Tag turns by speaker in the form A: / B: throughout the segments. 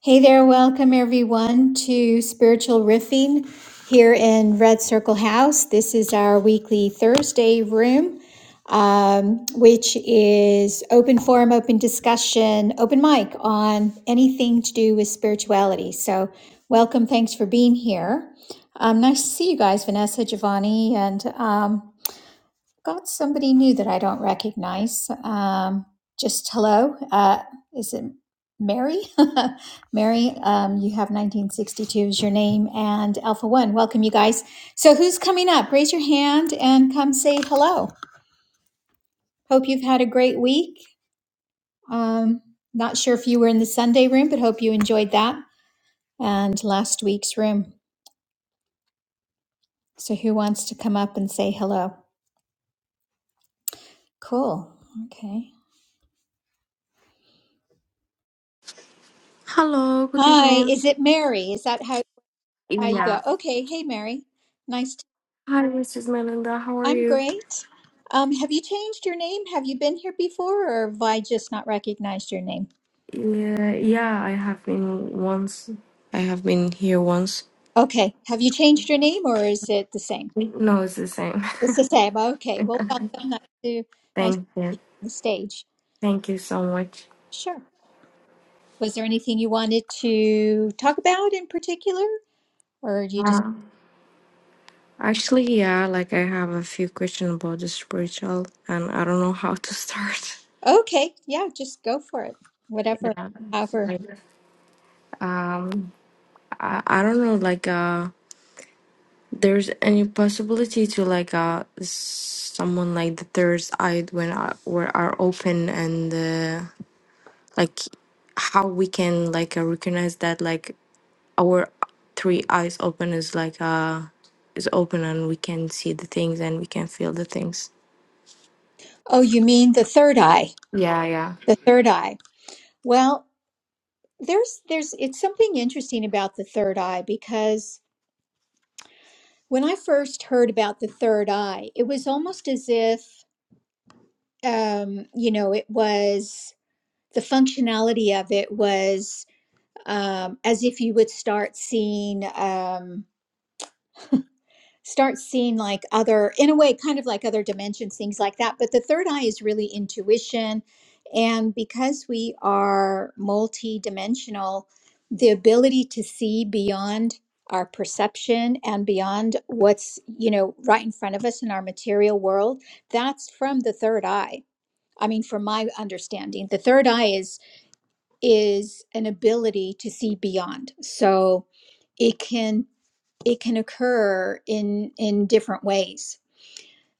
A: Hey there, welcome everyone to Spiritual Riffing here in Red Circle House. This is our weekly Thursday room, um, which is open forum, open discussion, open mic on anything to do with spirituality. So, welcome, thanks for being here. Um, nice to see you guys, Vanessa, Giovanni, and um, Got somebody new that I don't recognize. Um, just hello. Uh, is it Mary? Mary, um, you have 1962 as your name and Alpha One. Welcome, you guys. So, who's coming up? Raise your hand and come say hello. Hope you've had a great week. Um, not sure if you were in the Sunday room, but hope you enjoyed that and last week's room. So, who wants to come up and say hello? Cool. Okay.
B: Hello, good
A: Hi,
B: evening.
A: is it Mary? Is that how? How you go?
B: Yeah.
A: Okay, hey Mary. Nice. To-
B: Hi, Mrs. Melinda. How are
A: I'm
B: you?
A: great. Um, have you changed your name? Have you been here before, or have I just not recognized your name?
B: Yeah, yeah, I have been once. I have been here once.
A: Okay. Have you changed your name, or is it the same?
B: No, it's the same.
A: It's the same. Okay. Well, welcome. Nice to nice to
B: Thank
A: be
B: you.
A: on the stage.
B: Thank you so much.
A: Sure. Was there anything you wanted to talk about in particular, or you just
B: Uh, actually, yeah, like I have a few questions about the spiritual, and I don't know how to start.
A: okay? Yeah, just go for it. Whatever.
B: Yeah,
A: However.
B: like, um, I, I don't know, like, uh. there's any possibility to like uh someone like the third eyed when are, were are open and uh, like how we can like uh, recognize that like our three eyes open is like uh is open and we can see the things and we can feel the things
A: Oh, you mean the third eye?
B: yeah yeah
A: The third eye. Well. There's there's it's something interesting about the third eye because when I first heard about the third eye, it was almost as if um, you know, it was the functionality of it was um, as if you would start seeing. Um, start seeing like other in a way kind of like other dimensions things like that but the third eye is really intuition and because we are multi-dimensional the ability to see beyond our perception and beyond what's you know right in front of us in our material world that's from the third eye i mean from my understanding the third eye is is an ability to see beyond so it can it can occur in in different ways.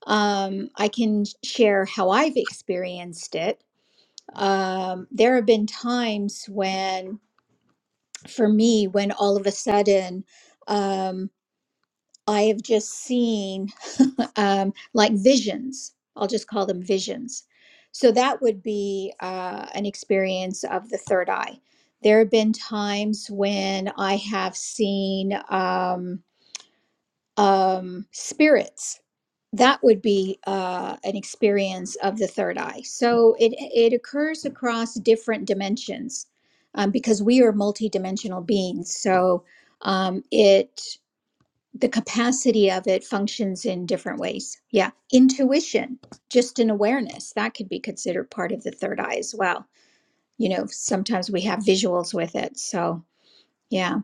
A: Um, I can share how I've experienced it. Um, there have been times when, for me, when all of a sudden um, I have just seen um, like visions. I'll just call them visions. So that would be uh, an experience of the third eye. There have been times when I have seen um, um, spirits that would be uh, an experience of the third eye. So it it occurs across different dimensions um, because we are multidimensional beings. So um, it the capacity of it functions in different ways. Yeah, intuition, just an awareness that could be considered part of the third eye as well. You know, sometimes we have visuals with it. So yeah,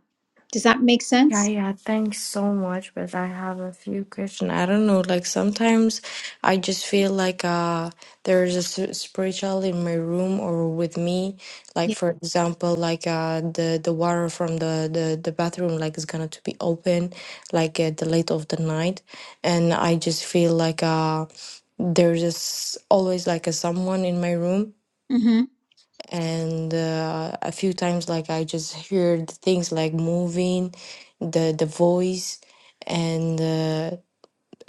A: does that make
B: Yeah,
A: sense?
B: yeah, thanks so much. But I have a few questions. I don't know, like sometimes I just feel like uh there's a s- spiritual in my room or with me. Like
A: Yeah.
B: for example, like uh the the water from the the the bathroom like is gonna to be open like at the late of the night, and I just feel like uh there's just always like a someone in my room
A: Mm-hmm.
B: and uh, a few times like i just heard things like moving the the voice and uh,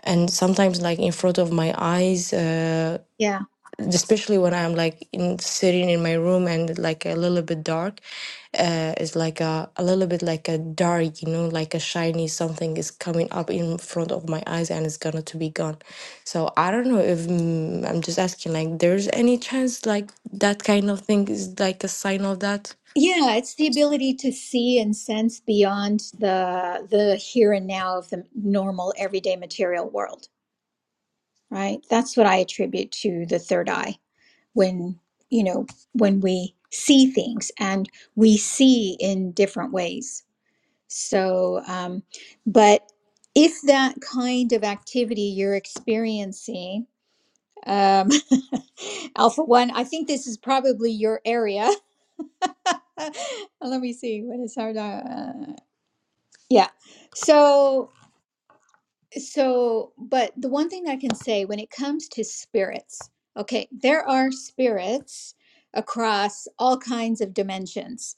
B: and sometimes like in front of my eyes uh,
A: Yeah.
B: especially when i'm like in sitting in my room and like a little bit dark uh, is like a, a little bit like a dark, you know, like a shiny something is coming up in front of my eyes and it's gonna to be gone. So I don't know if mm, I'm just asking, like, there's any chance like that kind of thing is like a sign of that?
A: Yeah, it's the ability to see and sense beyond the the here and now of the normal everyday material world, right? That's what I attribute to the third eye when, you know, when we see things and we see in different ways. So, um, but if that kind of activity you're experiencing, um, Alpha One, I think this is probably your area. Let me see what is hard. Uh, yeah. So, so, but the one thing I can say when it comes to spirits, okay, there are spirits across all kinds of dimensions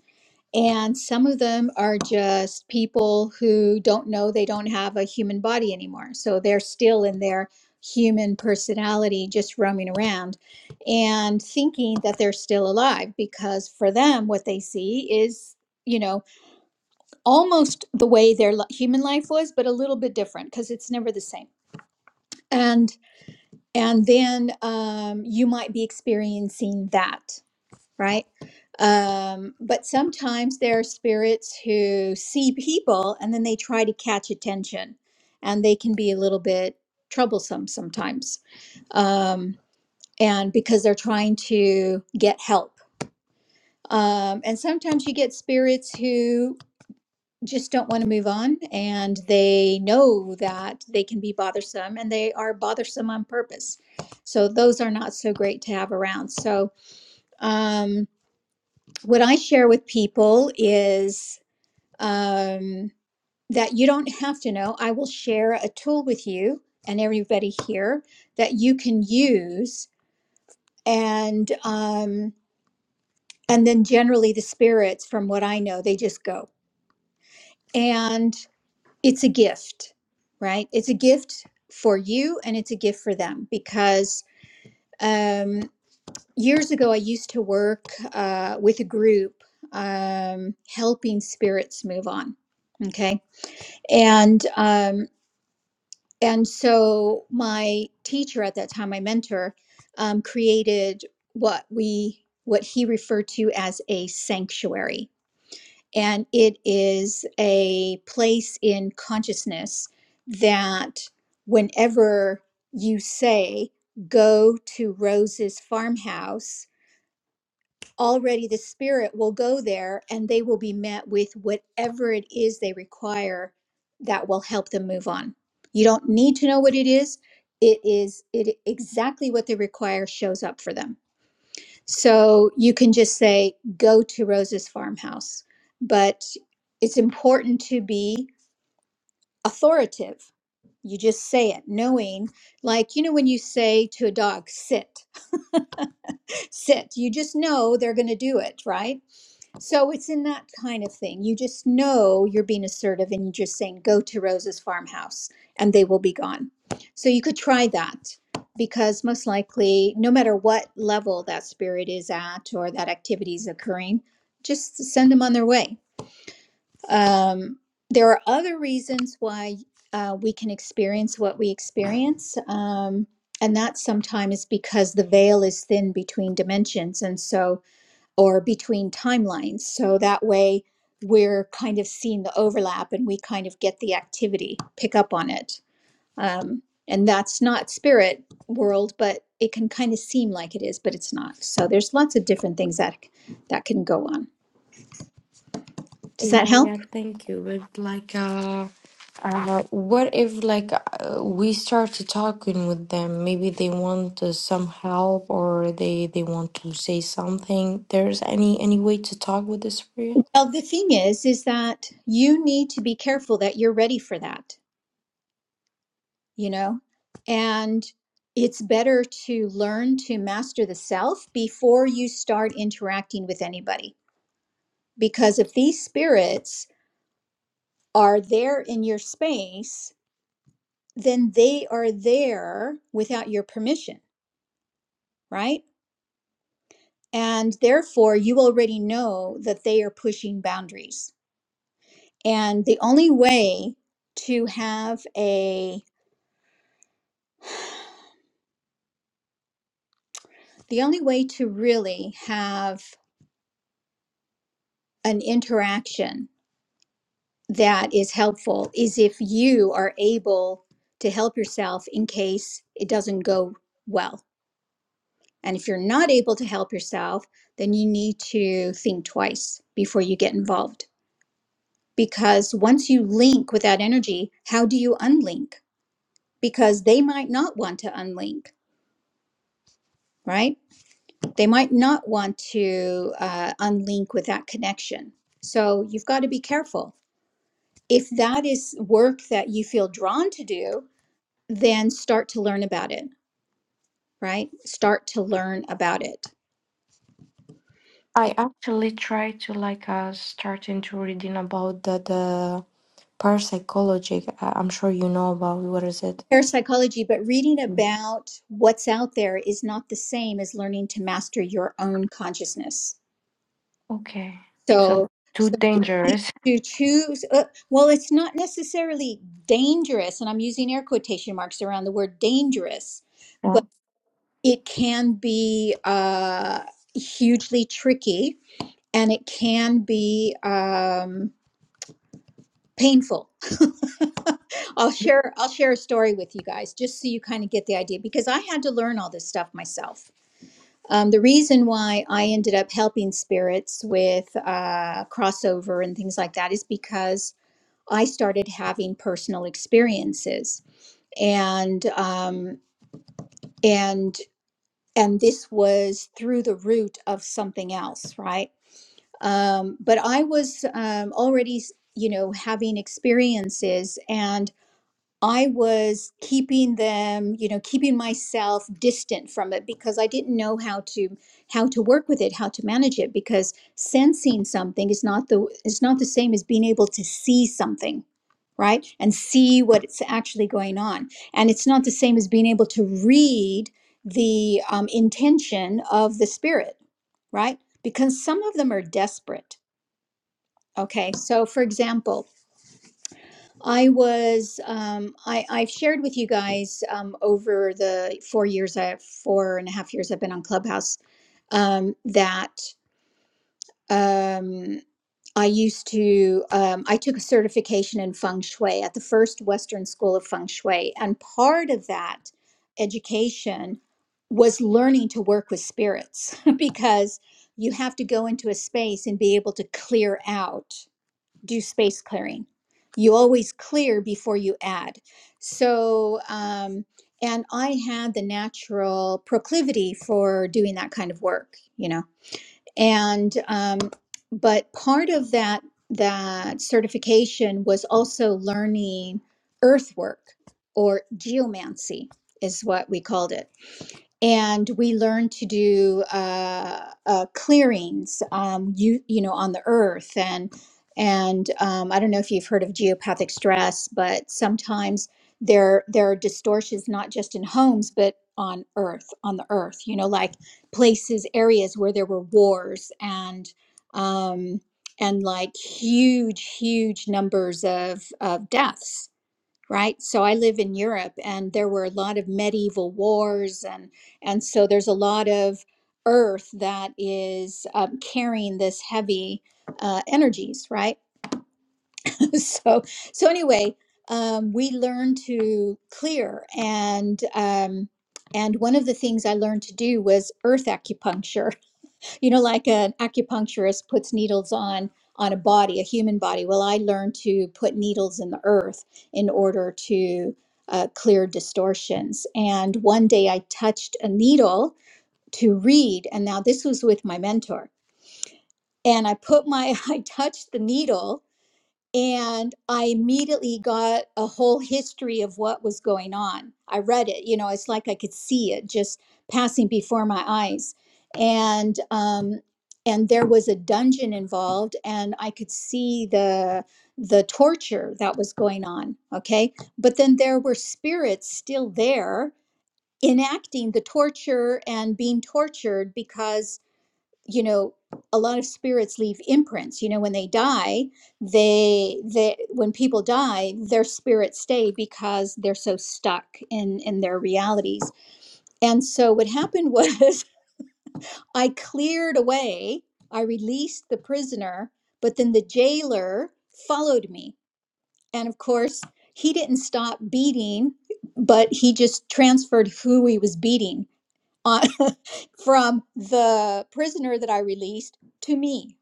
A: and some of them are just people who don't know they don't have a human body anymore. So they're still in their human personality, just roaming around and thinking that they're still alive because for them, what they see is, you know, almost the way their li- human life was, but a little bit different because it's never the same. And and then um, you might be experiencing that right? Um, but sometimes there are spirits who see people and then they try to catch attention, and they can be a little bit troublesome sometimes, um, and because they're trying to get help. Um, and sometimes you get spirits who just don't want to move on and they know that they can be bothersome and they are bothersome on purpose. So those are not so great to have around. So, um, what I share with people is um, that you don't have to know. I will share a tool with you and everybody here that you can use, and um, and then generally the spirits, from what I know, they just go, and it's a gift, right? It's a gift for you, and it's a gift for them because um, years ago I used to work uh, with a group um, helping spirits move on. Okay and um, and so my teacher at that time, my mentor, um, created what we what he referred to as a sanctuary, and it is a place in consciousness that whenever you say go to Rose's farmhouse already the spirit will go there and they will be met with whatever it is they require that will help them move on you don't need to know what it is it is it exactly what they require shows up for them so you can just say go to rose's farmhouse but it's important to be authoritative you just say it knowing like you know when you say to a dog sit sit you just know they're going to do it right So it's in that kind of thing. You just know you're being assertive and you're just saying, go to Rose's farmhouse and they will be gone. So you could try that because most likely, no matter what level that spirit is at or that activity is occurring, just send them on their way. Um, there are other reasons why uh, we can experience what we experience. Um, and that sometimes is because the veil is thin between dimensions. And so or between timelines. So that way we're kind of seeing the overlap and we kind of get the activity, pick up on it. Um, and that's not spirit world, but it can kind of seem like it is, but it's not. So there's lots of different things that that can go on. Does that
B: Yeah,
A: help?
B: yeah, thank you. But like, uh, uh, what if like uh, we start to talking with them? Maybe they want uh, some help or they they want to say something. There's any any way to talk with this
A: Well, the thing is is that you need to be careful that you're ready for that, you know? And it's better to learn to master the self before you start interacting with anybody Because if these spirits are there in your space, then they are there without your permission, right? And therefore, you already know that they are pushing boundaries. And the only way to have a, the only way to really have an interaction that is helpful is if you are able to help yourself in case it doesn't go well And if you're not able to help yourself, then you need to think twice before you get involved. Because once you link with that energy, how do you unlink? Because they might not want to unlink, right? They might not want to uh, unlink with that connection. So you've got to be careful. If that is work that you feel drawn to do, then start to learn about it, right? Start to learn about it
B: I actually try to like uh starting to reading about the the parapsychology. I, I'm sure you know about what is it.
A: parapsychology, but reading
B: Mm.
A: about what's out there is not the same as learning to master your own consciousness.
B: Okay, so
A: So,
B: too
A: so we
B: dangerous.
A: need to choose, uh, well, it's not necessarily dangerous, and I'm using air quotation marks around the word dangerous,
B: Yeah.
A: but it can be uh, hugely tricky and it can be um, painful. I'll share I'll share a story with you guys just so you kind of get the idea because I had to learn all this stuff myself Um, the reason why I ended up helping spirits with uh, crossover and things like that is because I started having personal experiences, and um, and and this was through the root of something else, right? Um, but I was um, already, you know, having experiences, and. I was keeping them, you know, keeping myself distant from it because I didn't know how to how to work with it, how to manage it because sensing something is not the is not the same as being able to see something, right? And see what's actually going on. And it's not the same as being able to read the um, intention of the spirit, right? Because some of them are desperate. Okay. So for example, I was um, I, I've shared with you guys um, over the four years I four and a half years I've been on Clubhouse um, that um, I used to um, I took a certification in feng shui at the first Western School of Feng Shui, and part of that education was learning to work with spirits because you have to go into a space and be able to clear out do space clearing. You always clear before you add. So, um, and I had the natural proclivity for doing that kind of work, you know. And um, but part of that that certification was also learning earthwork or geomancy is what we called it and we learn to do uh, uh, clearings, um, you you know, on the earth, and and um, I don't know if you've heard of geopathic stress, but sometimes there there are distortions not just in homes but on earth, on the earth, you know, like places, areas where there were wars and um, and like huge, huge numbers of of deaths right? So I live in Europe, and there were a lot of medieval wars, and and so there's a lot of earth that is um, carrying this heavy uh, energies, right? so so anyway, um, we learn to clear, and um, and one of the things I learned to do was earth acupuncture you know, like an acupuncturist puts needles on on a body, a human body. Well, I learned to put needles in the earth in order to uh, clear distortions. And one day I touched a needle to read, and now this was with my mentor. And I put my, I touched the needle and I immediately got a whole history of what was going on. I read it, you know, it's like I could see it just passing before my eyes. And um and there was a dungeon involved and I could see the the torture that was going on, okay? But then there were spirits still there enacting the torture and being tortured because you know a lot of spirits leave imprints you know when they die they they when people die their spirits stay because they're so stuck in in their realities and so what happened was i cleared away i released the prisoner but then the jailer followed me and of course he didn't stop beating but he just transferred who he was beating on, from the prisoner that i released to me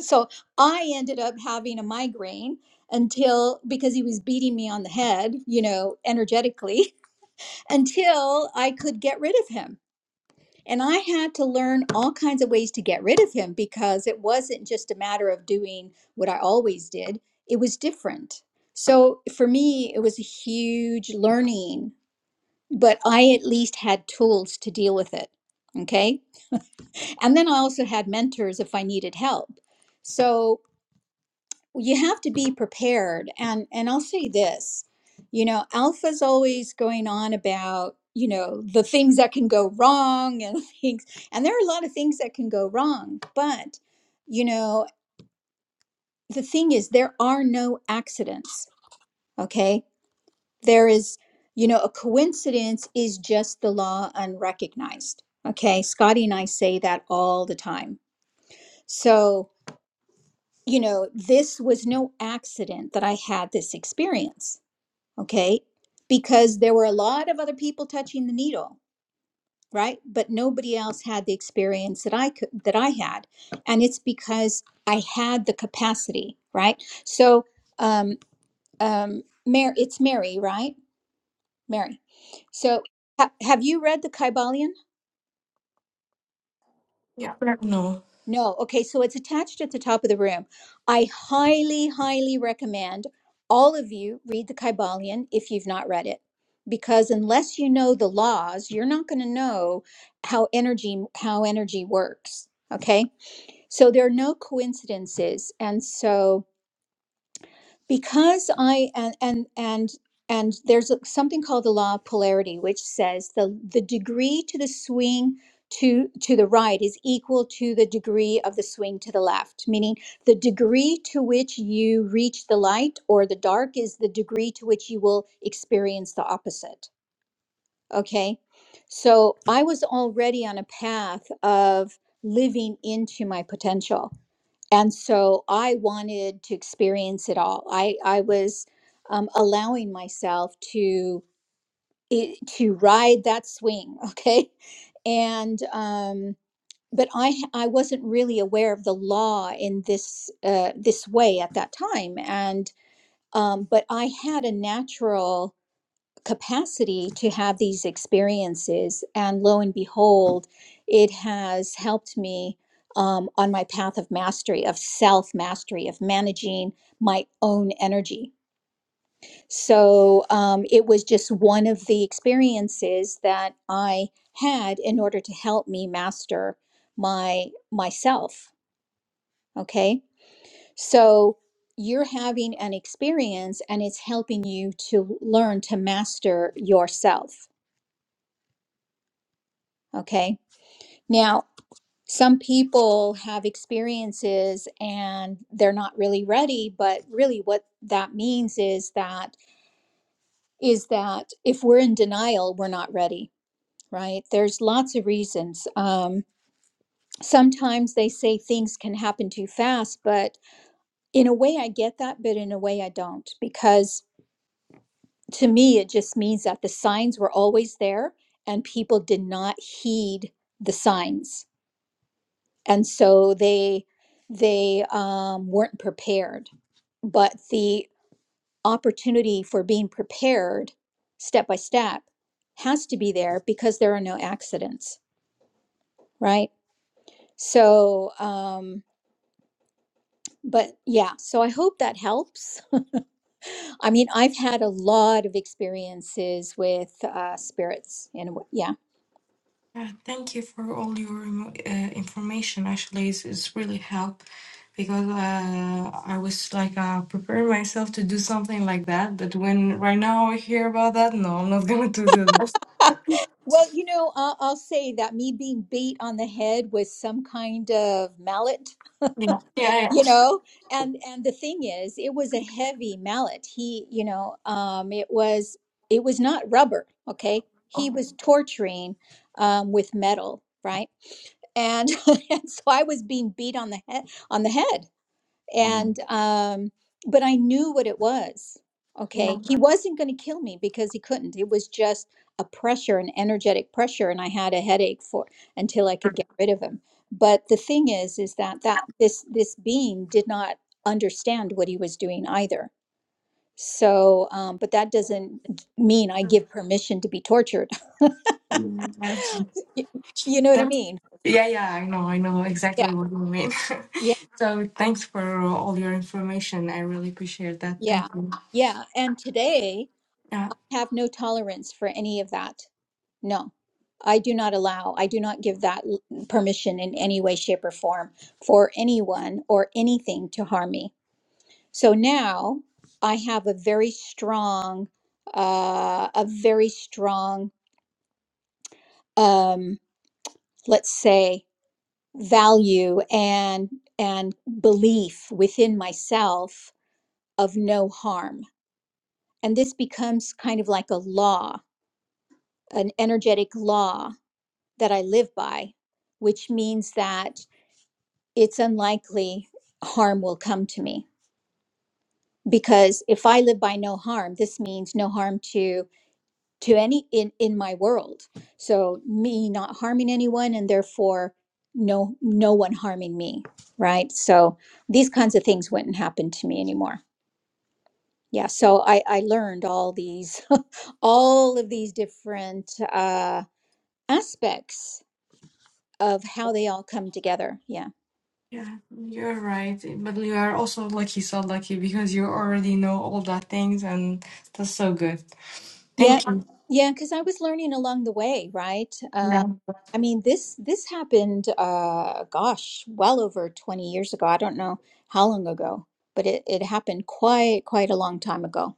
A: so I ended up having a migraine until because he was beating me on the head, you know, energetically, until I could get rid of him. And I had to learn all kinds of ways to get rid of him because it wasn't just a matter of doing what I always did, it was different. So for me, it was a huge learning, but I at least had tools to deal with it. Okay. And then I also had mentors if I needed help. So you have to be prepared and and i'll say this you know alpha's always going on about you know the things that can go wrong and things and there are a lot of things that can go wrong but you know the thing is there are no accidents okay there is you know a coincidence is just the law unrecognized okay scotty and i say that all the time so you know this was no accident that i had this experience okay? Because there were a lot of other people touching the needle, right? But nobody else had the experience that I could that I had, and it's because I had the capacity, right? So, um, um, Mary, it's Mary, right? Mary. So, ha- have you read the Kybalion?
B: Yeah. No.
A: No. Okay. So it's attached at the top of the room. I highly, highly recommend all of you read the Kybalion if you've not read it, because unless you know the laws, you're not going to know how energy how energy works. Okay. So there are no coincidences, and so because i and and and and there's a- something called the law of polarity which says the the degree to the swing to to the right is equal to the degree of the swing to the left meaning the degree to which you reach the light or the dark is the degree to which you will experience the opposite okay so i was already on a path of living into my potential and so i wanted to experience it all i i was um, allowing myself to i- to ride that swing okay and um but i h- i wasn't really aware of the law in this uh this way at that time and um but i had a natural capacity to have these experiences. And lo and behold, it has helped me um, on my path of mastery, of self mastery, of managing my own energy. So um, it was just one of the experiences that I had in order to help me master my myself. Okay, so you're having an experience and it's helping you to learn to master yourself. Okay Now, some people have experiences and they're not really ready, but really what that means is that is that if we're in denial, we're not ready, right? There's lots of reasons. Um, sometimes they say things can happen too fast, but in a way I get that, but in a way I don't, because to me it just means that the signs were always there and people did not heed the signs and so they they um, weren't prepared but the opportunity for being prepared step by step has to be there because there are no accidents right so um but yeah so i hope that helps i mean i've had a lot of experiences with uh spirits and wh- yeah
B: Yeah, thank you for all your remo- uh, information. Actually, it's, it's really helped because uh, I was like uh, preparing myself to do something like that. But when right now I hear about that, no, I'm not gonna do that.
A: well you know I'll, I'll say that me being beat on the head with some kind of mallet
B: Yeah. Yeah. yeah.
A: you know and and the thing is it was a heavy mallet he you know um it was it was not rubber okay he was torturing um with metal right and, and so i was being beat on the head on the head
B: Um,
A: and um but i knew what it was okay he wasn't going to kill me because he couldn't it was just a pressure an energetic pressure and i had a headache for until i could get rid of him but the thing is is that that this this being did not understand what he was doing either so um but that doesn't mean i give permission to be tortured
B: yeah.
A: Y- you know what i
B: That's,
A: mean
B: yeah, yeah, I know, I know
A: yeah
B: exactly what you mean.
A: yeah
B: So thanks for all your information. I really appreciate that.
A: yeah
B: Thank you.
A: yeah and today
B: Yeah,
A: have no tolerance for any of that No, I do not allow, I do not give that l- permission in any way, shape, or form for anyone or anything to harm me. So now I have a very strong, uh, a very strong, um, let's say, value and and belief within myself of no harm. And this becomes kind of like a law, an energetic law that I live by, which means that it's unlikely harm will come to me because if i live by no harm this means no harm to to any in in my world so me not harming anyone and therefore no no one harming me right so these kinds of things wouldn't happen to me anymore yeah so i i learned all these all of these different uh aspects of how they all come together Yeah.
B: yeah, you're right. But you are also lucky, so lucky because you already know all that things, and that's so good.
A: Yeah,
B: Thank you.
A: yeah, because I was learning along the way, right? Uh,
B: Yeah.
A: I mean, this this happened, uh, gosh, well over 20 years ago. I don't know how long ago, but it, it happened quite quite a long time ago.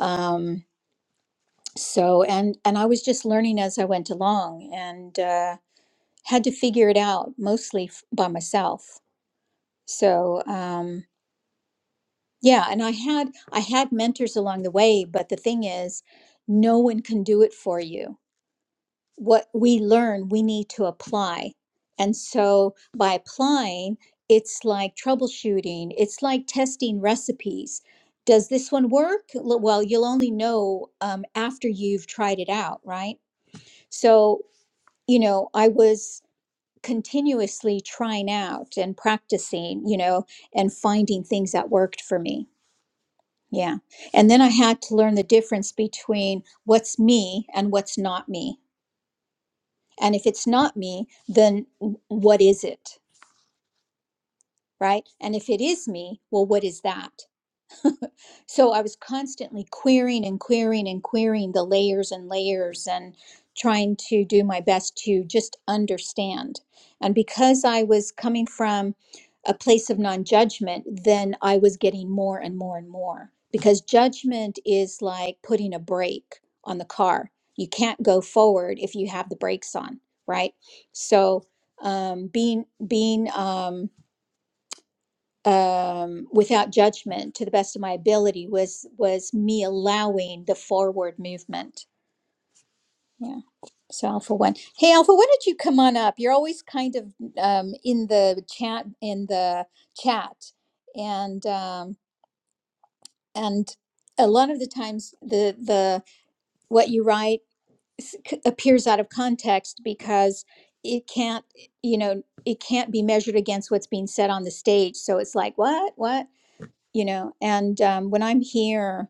A: Um, so, and and I was just learning as I went along and uh, had to figure it out mostly f- by myself. So, um, yeah, and I had I had mentors along the way, but the thing is, no one can do it for you what we learn, we need to apply. And so by applying, it's like troubleshooting, it's like testing recipes. Does this one work? L- Well, you'll only know um, after you've tried it out, right? So, you know, I was continuously trying out and practicing, you know, and finding things that worked for me. Yeah. And then I had to learn the difference between what's me and what's not me And if it's not me, then what is it? Right? And if it is me, well, what is that? So I was constantly querying and querying and querying the layers and layers and trying to do my best to just understand. And because I was coming from a place of non judgment, then I was getting more and more and more because judgment is like putting a brake on the car. You can't go forward if you have the brakes on, right? So um, being being um, um, without judgment to the best of my ability was was me allowing the forward movement yeah so alpha one hey alpha why don't you come on up you're always kind of um, in the chat in the chat and um, and a lot of the times the the what you write s- c- appears out of context because it can't you know it can't be measured against what's being said on the stage so it's like what what you know and um, when i'm here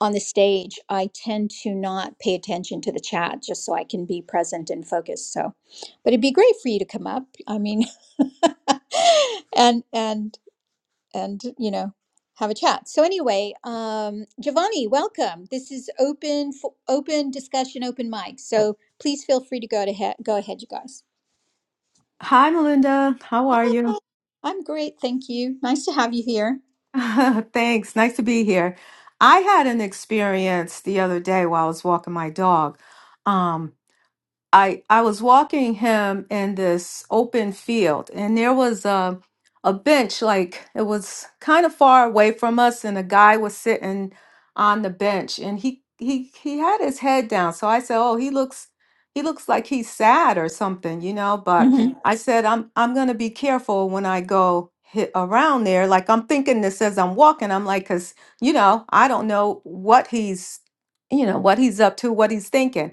A: on the stage i tend to not pay attention to the chat just so i can be present and focused so but it'd be great for you to come up i mean and and and you know have a chat so anyway um giovanni welcome this is open for open discussion open mic so please feel free to go to he- go ahead you guys
C: Hi, Melinda. How are you?
A: Hi, i'm great thank you nice to have you here
C: Thanks. Nice to be here. I had an experience the other day while I was walking my dog. Um, I I was walking him in this open field, and there was a a bench like it was kind of far away from us, and a guy was sitting on the bench, and he he he had his head down. So I said, "Oh, he looks he looks like he's sad or something, you know." But
A: hmm
C: I said, "I'm I'm gonna be careful when I go." Hit around there, like I'm thinking this as I'm walking. I'm like, because you know, I don't know what he's, you know, what he's up to, what he's thinking.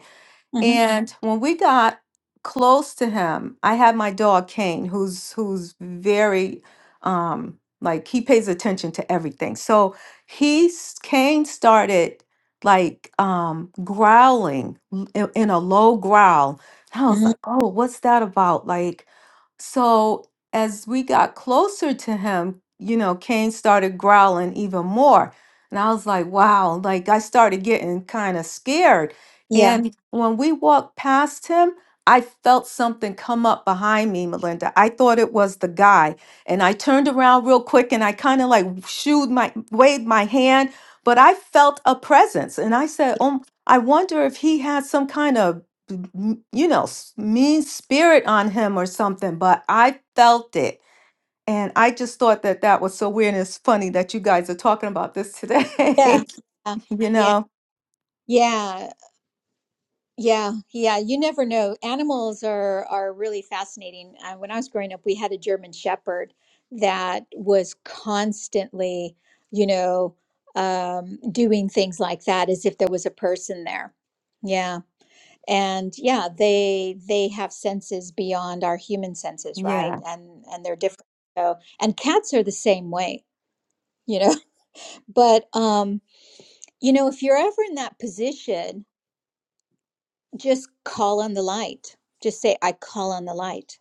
A: hmm
C: And when we got close to him, I had my dog Kane, who's who's very um like he pays attention to everything. So he's Kane started like um growling l- i- in a low growl. I was
A: hmm
C: like, "Oh, what's that about?" Like so as we got closer to him, you know, Kane started growling even more. And I was like, wow, like I started getting kind of scared
A: yeah
C: and when we walked past him, I felt something come up behind me, Melinda. I thought it was the guy. And I turned around real quick and I kind of like shooed my waved my hand, but I felt a presence. And I said, Oh, I wonder if he had some kind of m- you know, s- mean spirit on him or something, but I felt it. And I just thought that that was so weird. And it's funny that you guys are talking about this
A: Yeah,
C: today,
A: yeah,
C: you
A: yeah,
C: know?
A: yeah, yeah, yeah. You never know. Animals are are really fascinating. Uh, when I was growing up, we had a German Shepherd that was constantly, you know, um, doing things like that as if there was a person there. Yeah, and yeah, they they have senses beyond our human senses,
C: Yeah.
A: right? And and they're different. So, and cats are the same way, you know. But um, you know, if you're ever in that position just call on the light. Just say, I call on the light,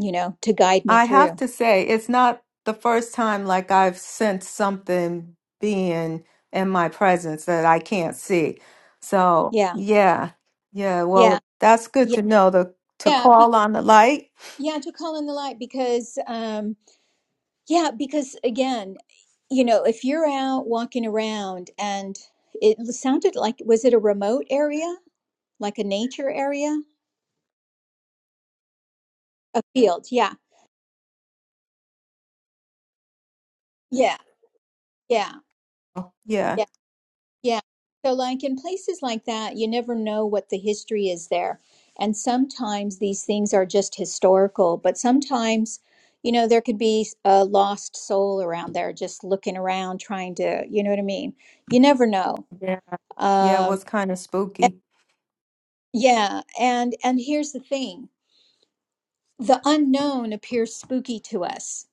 A: you know, to guide me
C: I have
A: through.
C: to say, it's not the first time like I've sensed something being in my presence that I can't see. So,
A: Yeah.
C: yeah. Yeah,
A: Yeah.
C: well, that's good
A: Yeah.
C: to know the to
A: Yeah. Be-
C: call on the light.
A: yeah. To call on the light because, um, yeah, because again, you know, if you're out walking around and it sounded like, was it a remote area, like a nature area? A field. Yeah. Yeah. Yeah.
C: Yeah.
A: Yeah. Yeah. So, like in places like that, you never know what the history is there. And sometimes these things are just historical, but sometimes, you know, there could be a lost soul around there just looking around trying to, you know what I mean? You never know.
C: Yeah. Yeah, it
A: Um,
C: was kind of
A: and-
C: spooky.
A: yeah. And, and here's the thing the unknown appears spooky to us.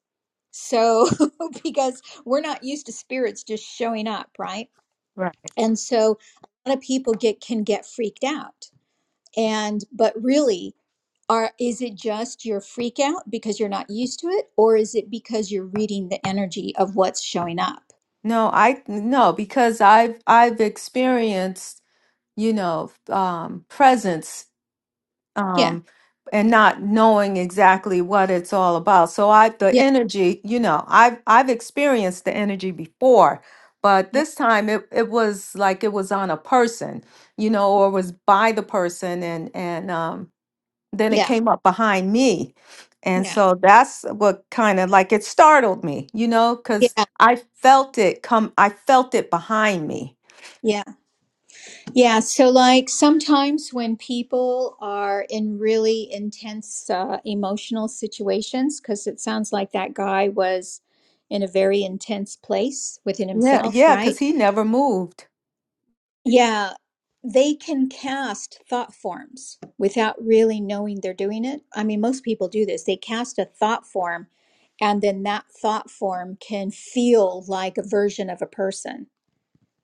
A: So, because we're not used to spirits just showing up, right?
C: Right.
A: And so a lot of people get, can get freaked out and but really are is it just your freak out because you're not used to it or is it because you're reading the energy of what's showing up
C: No, I no, because I've I've experienced, you know, um presence
A: yeah
C: um, and not knowing exactly what it's all about. So I, the
A: yeah
C: energy, you know, I've I've experienced the energy before, but
A: yeah
C: this time it it was like it was on a person, you know, or was by the person, and and um, then it
A: yeah
C: came up behind me, and
A: yeah
C: so that's what kind of like it startled me, you know, because
A: yeah
C: I felt it come, I felt it behind me.
A: yeah yeah so like sometimes when people are in really intense uh, emotional situations because it sounds like that guy was in a very intense place within
C: Yeah,
A: himself
C: yeah,
A: right
C: because he never moved.
A: Yeah, they can cast thought forms without really knowing they're doing it. I mean, most people do this. They cast a thought form, and then that thought form can feel like a version of a person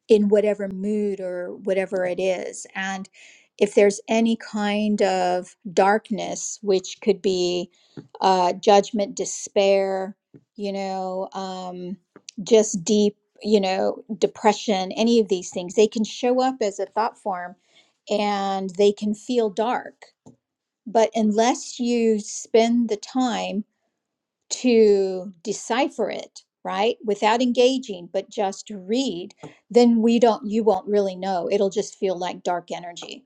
A: in whatever mood or whatever it is. And if there's any kind of darkness, which could be uh, judgment, despair, you know, um, just deep, you know, depression, any of these things, they can show up as a thought form and they can feel dark. But unless you spend the time to decipher it right without engaging but just to read then we don't you won't really know it'll just feel like dark energy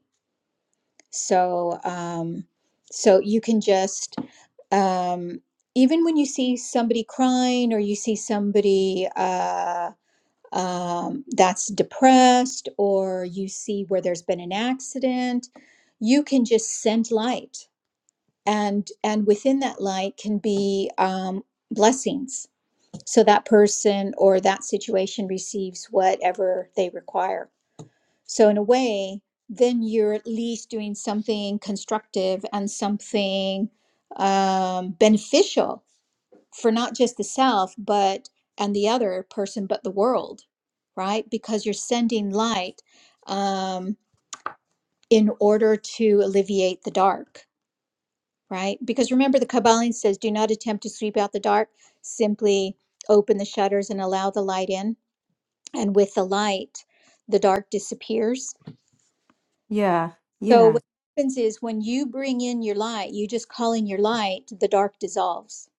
A: so um so you can just um even when you see somebody crying or you see somebody uh um, that's depressed or you see where there's been an accident you can just send light and and within that light can be um, blessings so that person or that situation receives whatever they require. So, in a way, then you're at least doing something constructive and something um, beneficial for not just the self, but and the other person, but the world, right? Because you're sending light um, in order to alleviate the dark, right? Because remember, the Kabbalah says, do not attempt to sweep out the dark, simply open the shutters and allow the light in and with the light the dark disappears
C: Yeah,
A: so
C: yeah.
A: what happens is when you bring in your light you just call in your light the dark dissolves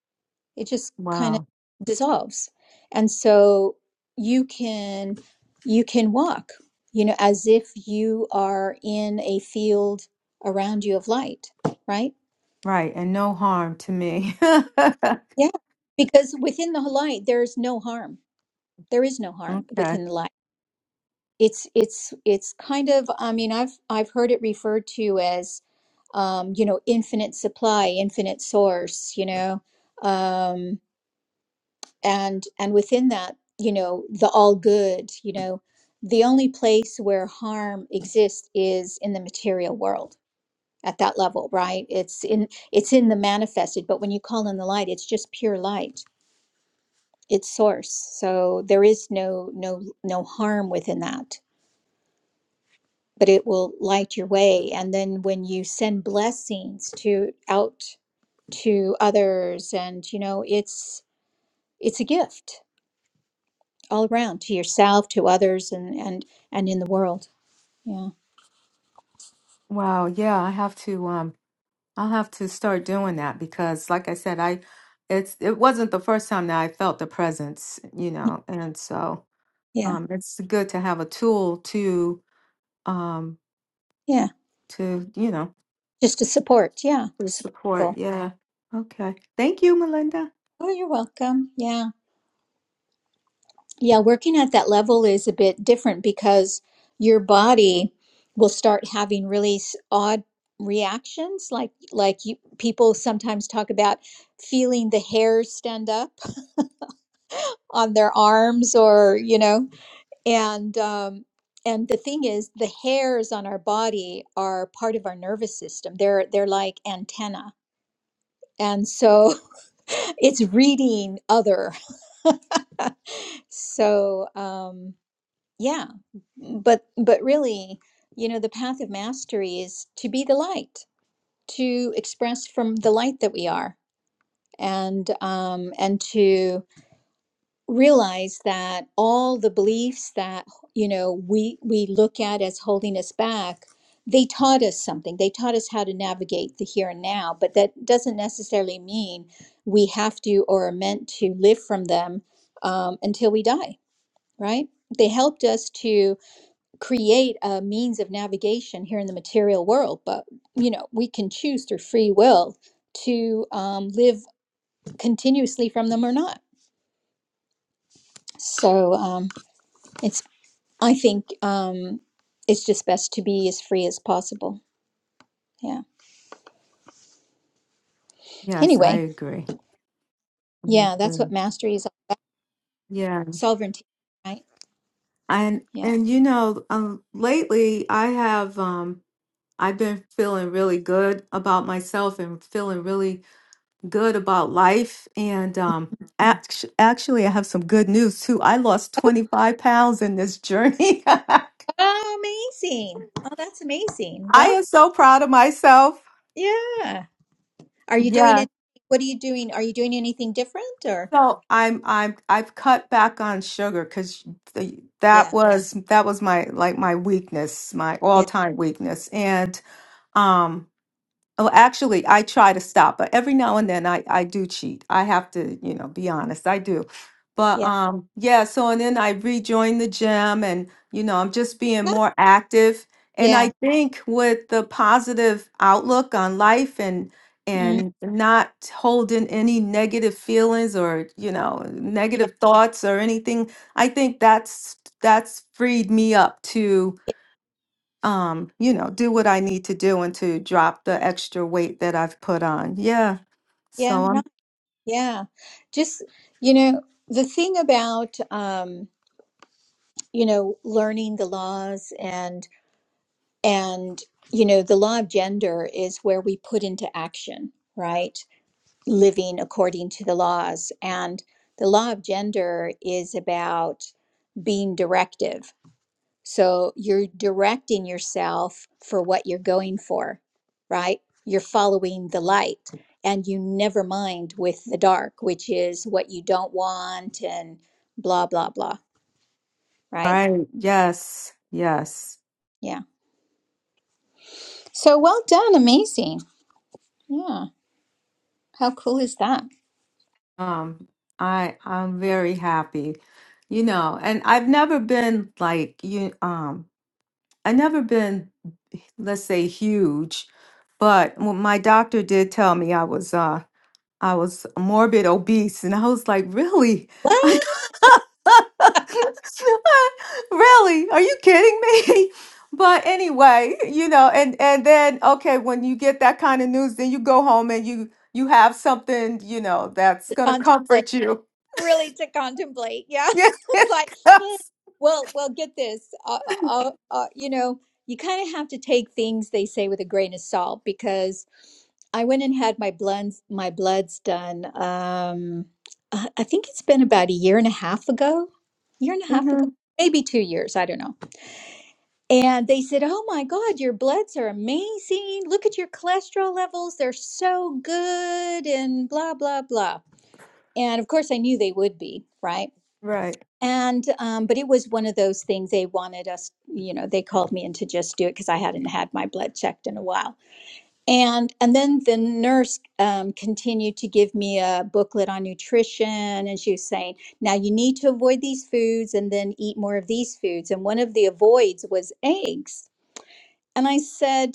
A: it just kind
C: Wow.
A: of dissolves and so you can you can walk you know as if you are in a field around you of light right
C: Right, and no harm to me.
A: yeah because within the light there's no harm there is no harm
C: Okay.
A: within the light it's it's it's kind of i mean i've i've heard it referred to as um, you know, infinite supply, infinite source, you know, um, and and within that, you know, the all good, you know, the only place where harm exists is in the material world at that level, right? It's in it's in the manifested, but when you call in the light, it's just pure light. It's source. So there is no no no harm within that, but it will light your way. And then when you send blessings to out to others and you know it's it's a gift all around to yourself to others and and and in the world yeah
C: Wow, yeah, I have to um I'll have to start doing that because like I said, I it's it wasn't the first time that I felt the presence, you know, and so
A: yeah
C: um it's good to have a tool to um
A: yeah
C: to, you know,
A: just to support yeah
C: to
A: support
C: support.
A: people.
C: Yeah. Okay. Thank you, Melinda.
A: oh you're welcome yeah yeah working at that level is a bit different because your body will start having really s- odd reactions like like you people sometimes talk about feeling the hairs stand up on their arms or you know and um, and the thing is the hairs on our body are part of our nervous system they're they're like antenna and so it's reading other so um yeah but but really you know the path of mastery is to be the light to express from the light that we are and um and to realize that all the beliefs that you know we we look at as holding us back they taught us something they taught us how to navigate the here and now but that doesn't necessarily mean we have to or are meant to live from them um, until we die right they helped us to create a means of navigation here in the material world but you know we can choose through free will to um, live continuously from them or not so um, it's I think um, it's just best to be as free as possible. Yeah.
C: Yes, I
A: Anyway,
C: agree. I
A: yeah, that's what
C: agree.
A: mastery is
C: Yeah.
A: sovereignty, right?
C: And
A: Yeah.
C: and you know, um lately I have um I've been feeling really good about myself and feeling really good about life. And um, act- actually, I have some good news too. I lost 25 pounds in this journey. I
A: Oh, amazing. Oh, that's amazing. Well,
C: am so proud of myself.
A: yeah. Are you doing
C: Yeah.
A: it? What are you doing? Are you doing anything different or?
C: So I'm I'm I've cut back on sugar because that
A: Yeah.
C: was that was my like my weakness, my
A: Yeah.
C: all time weakness, and um, Oh, actually, I try to stop, but every now and then I, I do cheat. I have to, you know, be honest. I do. But
A: Yeah.
C: um, yeah, so and then I rejoin the gym and, you know, I'm just being
A: No.
C: more active. And
A: Yeah.
C: I think with the positive outlook on life and
A: Mm,
C: and not holding any negative feelings or, you know,
A: yeah.
C: negative thoughts or anything, I think that's that's freed me up to um, you know, do what I need to do and to drop the extra weight that I've put on. Yeah.
A: Yeah.
C: So
A: No.
C: I'm
A: Yeah. Just, you know, the thing about, um, you know, learning the laws and. And, you know, the law of gender is where we put into action, right? Living according to the laws. And the law of gender is about being directive. So you're directing yourself for what you're going for, right? You're following the light and you never mind with the dark, which is what you don't want and blah, blah, blah, right?
C: Right. Yes. Yes.
A: Yeah. So well done. Amazing. Yeah. How cool is that?
C: Um, I I'm very happy. You know, and I've never been like you um I never been let's say huge but what my doctor did tell me i was uh i was morbid obese and i was like really
A: What?
C: really are you kidding me but anyway you know and and then okay when you get that kind of news then you go home and you you have something you know that's gonna
A: contemplate
C: comfort you
A: really to contemplate yeah
C: yeah
A: it's like hmm, well well get this uh, uh, uh, uh, you know you kind of have to take things they say with a grain of salt because i went and had my bloods my bloods done um i I think it's been about a year and a half ago year and a half ago
C: hmm
A: maybe two years i don't know and they said oh my god your bloods are amazing look at your cholesterol levels they're so good and blah blah blah and of course i knew they would be right
C: Right.
A: and um, but it was one of those things they wanted us you know they called me in to just do it because i hadn't had my blood checked in a while and and then the nurse um, continued to give me a booklet on nutrition and she was saying now you need to avoid these foods and then eat more of these foods and one of the avoids was eggs and i said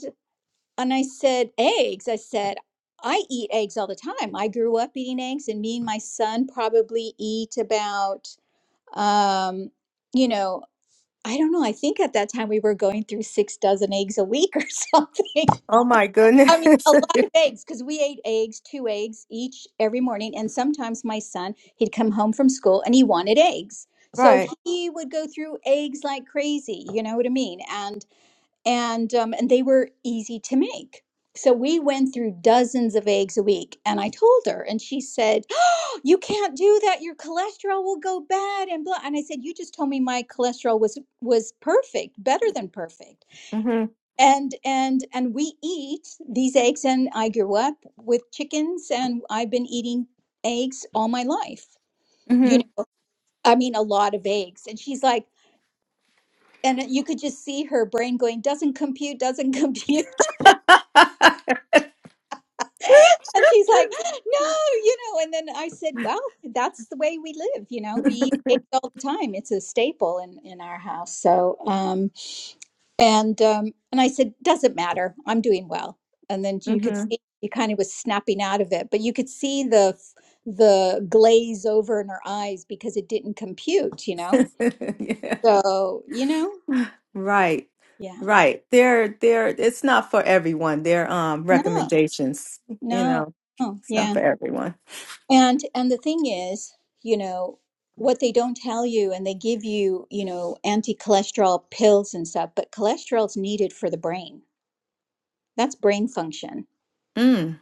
A: and I said, eggs. I said, I eat eggs all the time. I grew up eating eggs, and me and my son probably eat about, um, you know, I don't know. I think at that time we were going through six dozen eggs a week or something.
C: Oh my
A: I mean, a
C: goodness.
A: lot of eggs because we ate eggs, two eggs each every morning. And sometimes my son, he'd come home from school and he wanted eggs. So
C: right.
A: he would go through eggs like crazy. You know what I mean? And and um, and they were easy to make. So we went through dozens of eggs a week, and I told her, and she said, "Oh, "You can't do that. Your cholesterol will go bad." And blah. And I said, "You just told me my cholesterol was was perfect, better than perfect."
C: hmm
A: And and and we eat these eggs, and I grew up with chickens, and I've been eating eggs all my life.
C: hmm
A: You know, I mean, a lot of eggs. And she's like, and you could just see her brain going, "Doesn't compute, doesn't compute." and she's like, no, you know. And then I said, well, that's the way we live. You know, we eat eggs all the time. It's a staple in in our house. So, um, and um, and I said, doesn't matter. I'm doing well. And then you could
C: hmm
A: see she kind of was snapping out of it, but you could see the the glaze over in her eyes because it didn't compute. You know.
C: yeah.
A: So you know,
C: Right.
A: yeah.
C: Right. They're they're it's not for everyone. They're um
A: No,
C: recommendations, you
A: no,
C: know.
A: no.
C: It's
A: Yeah.
C: not for everyone.
A: And and the thing is, you know, what they don't tell you and they give you, you know, anti-cholesterol pills and stuff, but cholesterol's needed for the brain. That's brain function.
C: Mm.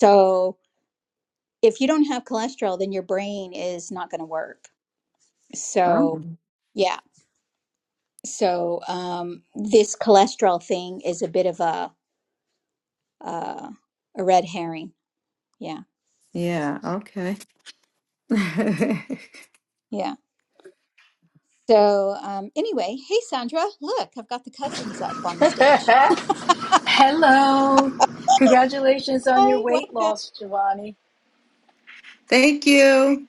A: So, if you don't have cholesterol, then your brain is not going to work. So,
C: Oh.
A: yeah. So, um this cholesterol thing is a bit of a uh a red herring. Yeah.
C: Yeah, okay.
A: Yeah. So, um anyway, hey Sandra, look, I've got the cousins up on the stage.
D: Hello. Congratulations on your
A: Hi,
D: weight
A: welcome.
D: loss, Giovanni.
C: Thank you.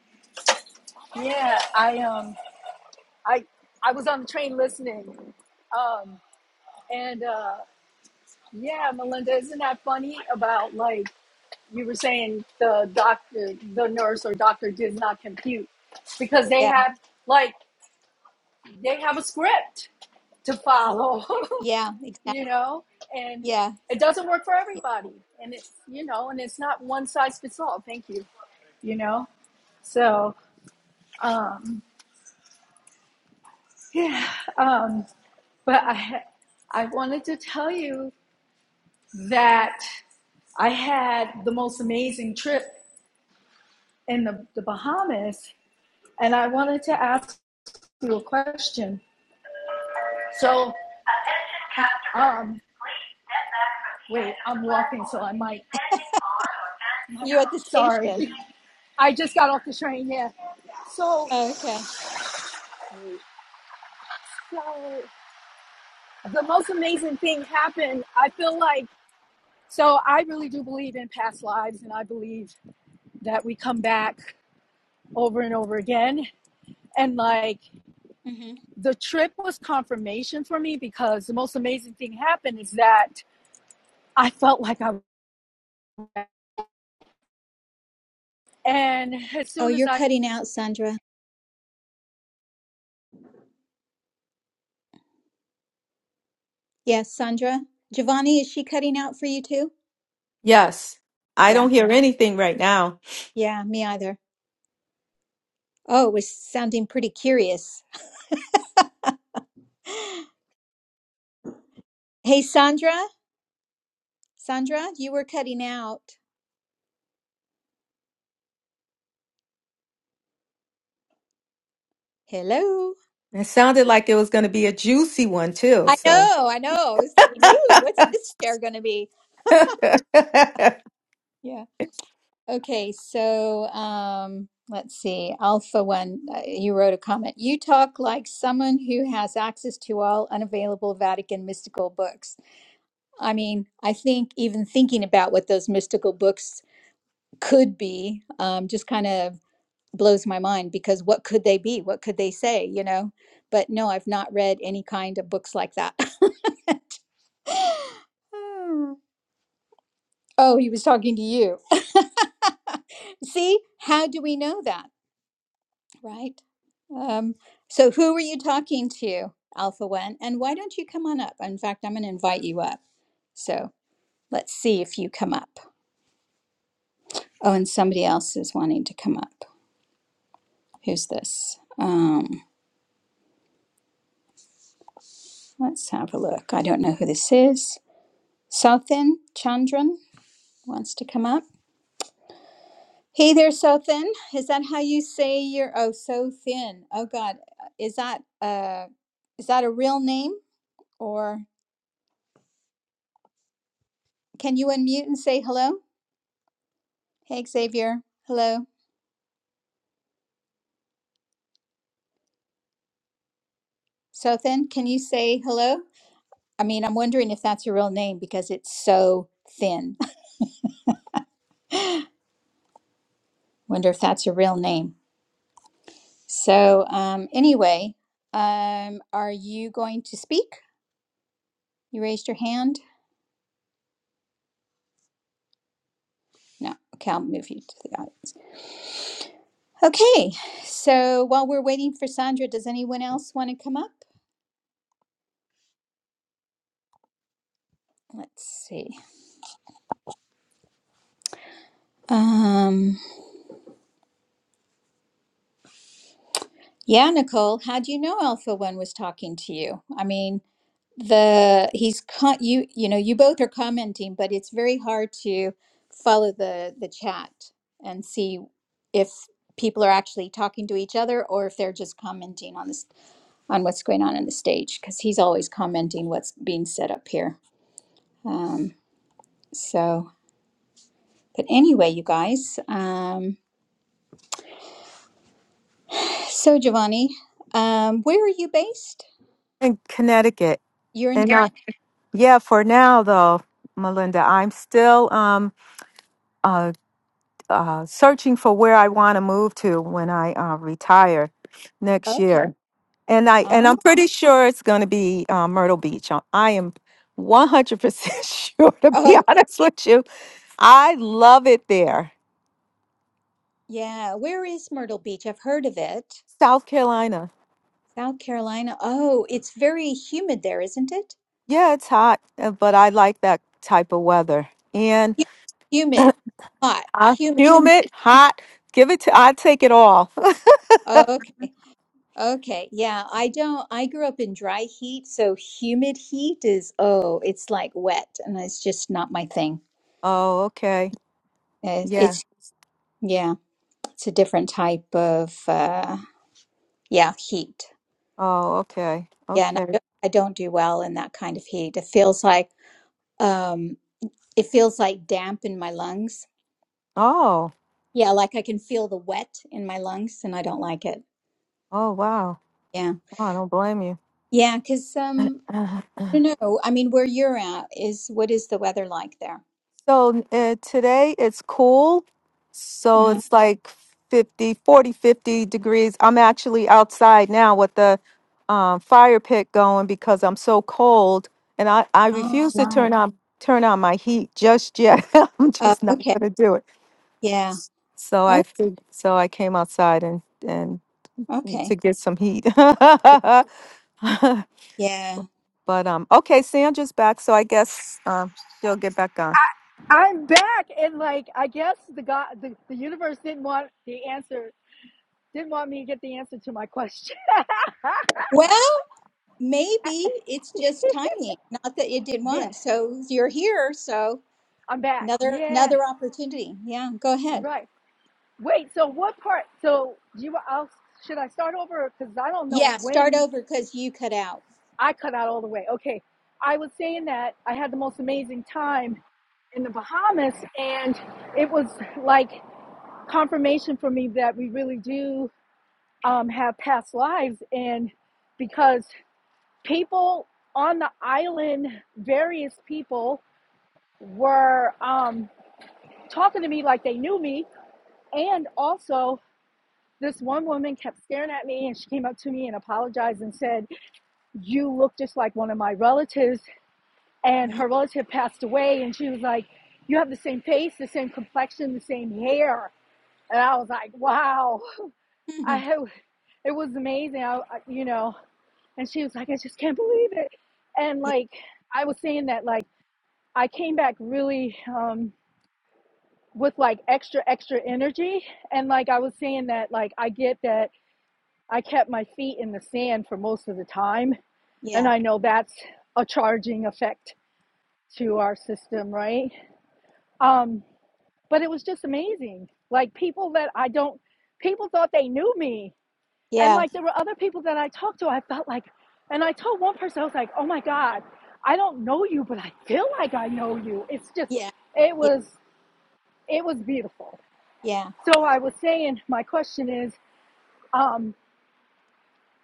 D: Yeah, I um I I was on the train listening. Um and uh yeah, Melinda, isn't that funny about like you were saying the doctor the nurse or doctor did not compute because they
A: Yeah.
D: have like they have a script to follow.
A: Yeah, exactly.
D: you know, and
A: Yeah.
D: it doesn't work for
A: yeah.
D: everybody. And it's, you know, and it's not one size fits all. Thank you, you know. So, um, yeah, um, but I, I wanted to tell you that I had the most amazing trip in the, the Bahamas, and I wanted to ask you a question. So,
A: Okay.
D: um, wait, I'm walking, so I might,
A: You at the
D: sorry.
A: station.
D: I just got off the train, yeah. So,
A: Oh, okay.
D: So the most amazing thing happened. I feel like so I really do believe in past lives and I believe that we come back over and over again. And like
A: hmm
D: the trip was confirmation for me because the most amazing thing happened is that I felt like I was. and as
A: Oh,
D: soon as
A: you're
D: I
A: cutting out, Sandra. Yes, Sandra. Giovanni, is she cutting out for you too?
C: Yes. I
A: Yeah.
C: don't hear anything right now.
A: Yeah, me either. Oh, it was sounding pretty curious. Hey, Sandra. Sandra, you were cutting out. Hello.
C: It sounded like it was going to be a juicy one too.
A: I
C: So
A: know. I know. I was thinking, ooh, what's this chair going to be? Okay, so um, let's see. Alpha One, uh, you wrote a comment. You talk like someone who has access to all unavailable Vatican mystical books. I mean, I think even thinking about what those mystical books could be um, just kind of blows my mind because what could they be? What could they say, you know? But no, I've not read any kind of books like that. Oh, he was talking to you. See, how do we know that? Right. Um, so, who are you talking to, Alpha One? And why don't you come on up? In fact, I'm going to invite you up. So, let's see if you come up. Oh, and somebody else is wanting to come up. Who's this? Um, let's have a look. I don't know who this is. Southin Chandran wants to come up. Hey there, Southin. Is that how you say your? Oh, so thin. Oh God, is that uh, is that a real name or can you unmute and say hello? Hey, Xavier. Hello. So thin, can you say hello? I mean, I'm wondering if that's your real name because it's so thin. Wonder if that's your real name. So, um, anyway, um, are you going to speak? You raised your hand? No. Okay, I'll move you to the audience. Okay, so while we're waiting for Sandra, does anyone else want to come up? Let's see. Um, yeah, Nicole, how do you know Alpha One was talking to you? I mean, the he's con- you you know you both are commenting but it's very hard to follow the the chat and see if people are actually talking to each other or if they're just commenting on this on what's going on on the stage because he's always commenting what's being said up here um so but anyway you guys um so giovanni um where are you based
C: in Connecticut.
A: you're in
C: And yeah. uh,
A: Connecticut.
C: yeah, for now though, Melinda, I'm still um uh, uh searching for where I want to move to when I uh, retire next
A: okay
C: year. And I and
A: oh
C: I'm pretty sure it's going to be uh, Myrtle Beach. Uh, I am 100% sure to be
A: okay
C: honest with you. I love it there.
A: yeah where is myrtle beach i've heard of it
C: South Carolina.
A: South Carolina. Oh, it's very humid there, isn't it?
C: Yeah, it's hot, uh, but I like that type of weather. And
A: Hu- Humid, hot,
C: uh,
A: humid.
C: humid, hot. Give it to, I take it all.
A: Okay. Okay. Yeah, I don't I grew up in dry heat, so humid heat is oh, it's like wet and it's just not my thing.
C: oh, okay.
A: Uh,
C: Yeah.
A: It's yeah, it's a different type of uh yeah, heat.
C: Oh, okay.
A: Yeah, and I
C: Okay.
A: don't, I don't do well in that kind of heat. It feels like um it feels like damp in my lungs.
C: Oh,
A: Yeah, like I can feel the wet in my lungs and I don't like it.
C: oh, wow.
A: Yeah.
C: Oh, I don't blame
A: Yeah, because um,
C: you.
A: I don't know. I mean, where you're at is what is the weather like there?
C: So uh, today it's cool. So
A: Uh-huh.
C: it's like 50, 40, fifty degrees. I'm actually outside now with the um, fire pit going because I'm so cold and I, I
A: Oh,
C: refuse to
A: nice.
C: turn on turn on my heat just yet. I'm
A: Oh,
C: just not
A: okay.
C: going to do it.
A: Yeah.
C: So
A: Oh,
C: I fig- so I came outside and and to
A: okay.
C: get some heat.
A: Yeah.
C: but um okay, Sandra's back so I guess um she'll get back on.
D: I'm back and like I guess the God the, the universe didn't want the answer didn't want me to get the answer to my question.
A: Well, maybe it's just timing. Not that it did
D: yeah,
A: one. So you're here. So
D: I'm back.
A: another
D: Yeah.
A: another opportunity. Yeah. Go ahead.
D: Right. Wait, so what part? So you, I'll, should I start over? Because I don't know
A: Yeah. Start
D: when you.
A: over because you cut out.
D: I cut out all the way. Okay, I was saying that I had the most amazing time in the Bahamas, and it was like confirmation for me that we really do um, have past lives, and because people on the island, various people were um, talking to me like they knew me, and also This one woman kept staring at me and she came up to me and apologized and said, You look just like one of my relatives. And her relative passed away. And she was like, You have the same face, the same complexion, the same hair. And I was like, Wow. I
A: Mhm.
D: it was amazing. I- you know, and she was like, I just can't believe it. And
A: Yeah.
D: like, I was saying that, like, I came back really um, with like extra, extra energy. And like, I was saying that, like, I get that I kept my feet in the sand for most of the time. And I know that's a charging effect to our system, right? Um, but it was just amazing. Like people that I don't, people thought they knew me. And
A: Yeah.
D: like there were other people that I talked to, I felt like, and I told one person, I was like, oh my God, I don't know you, but I feel like I know you. It's just,
A: Yeah.
D: it
A: Yeah.
D: was, it was beautiful.
A: Yeah.
D: So I was saying, my question is, um,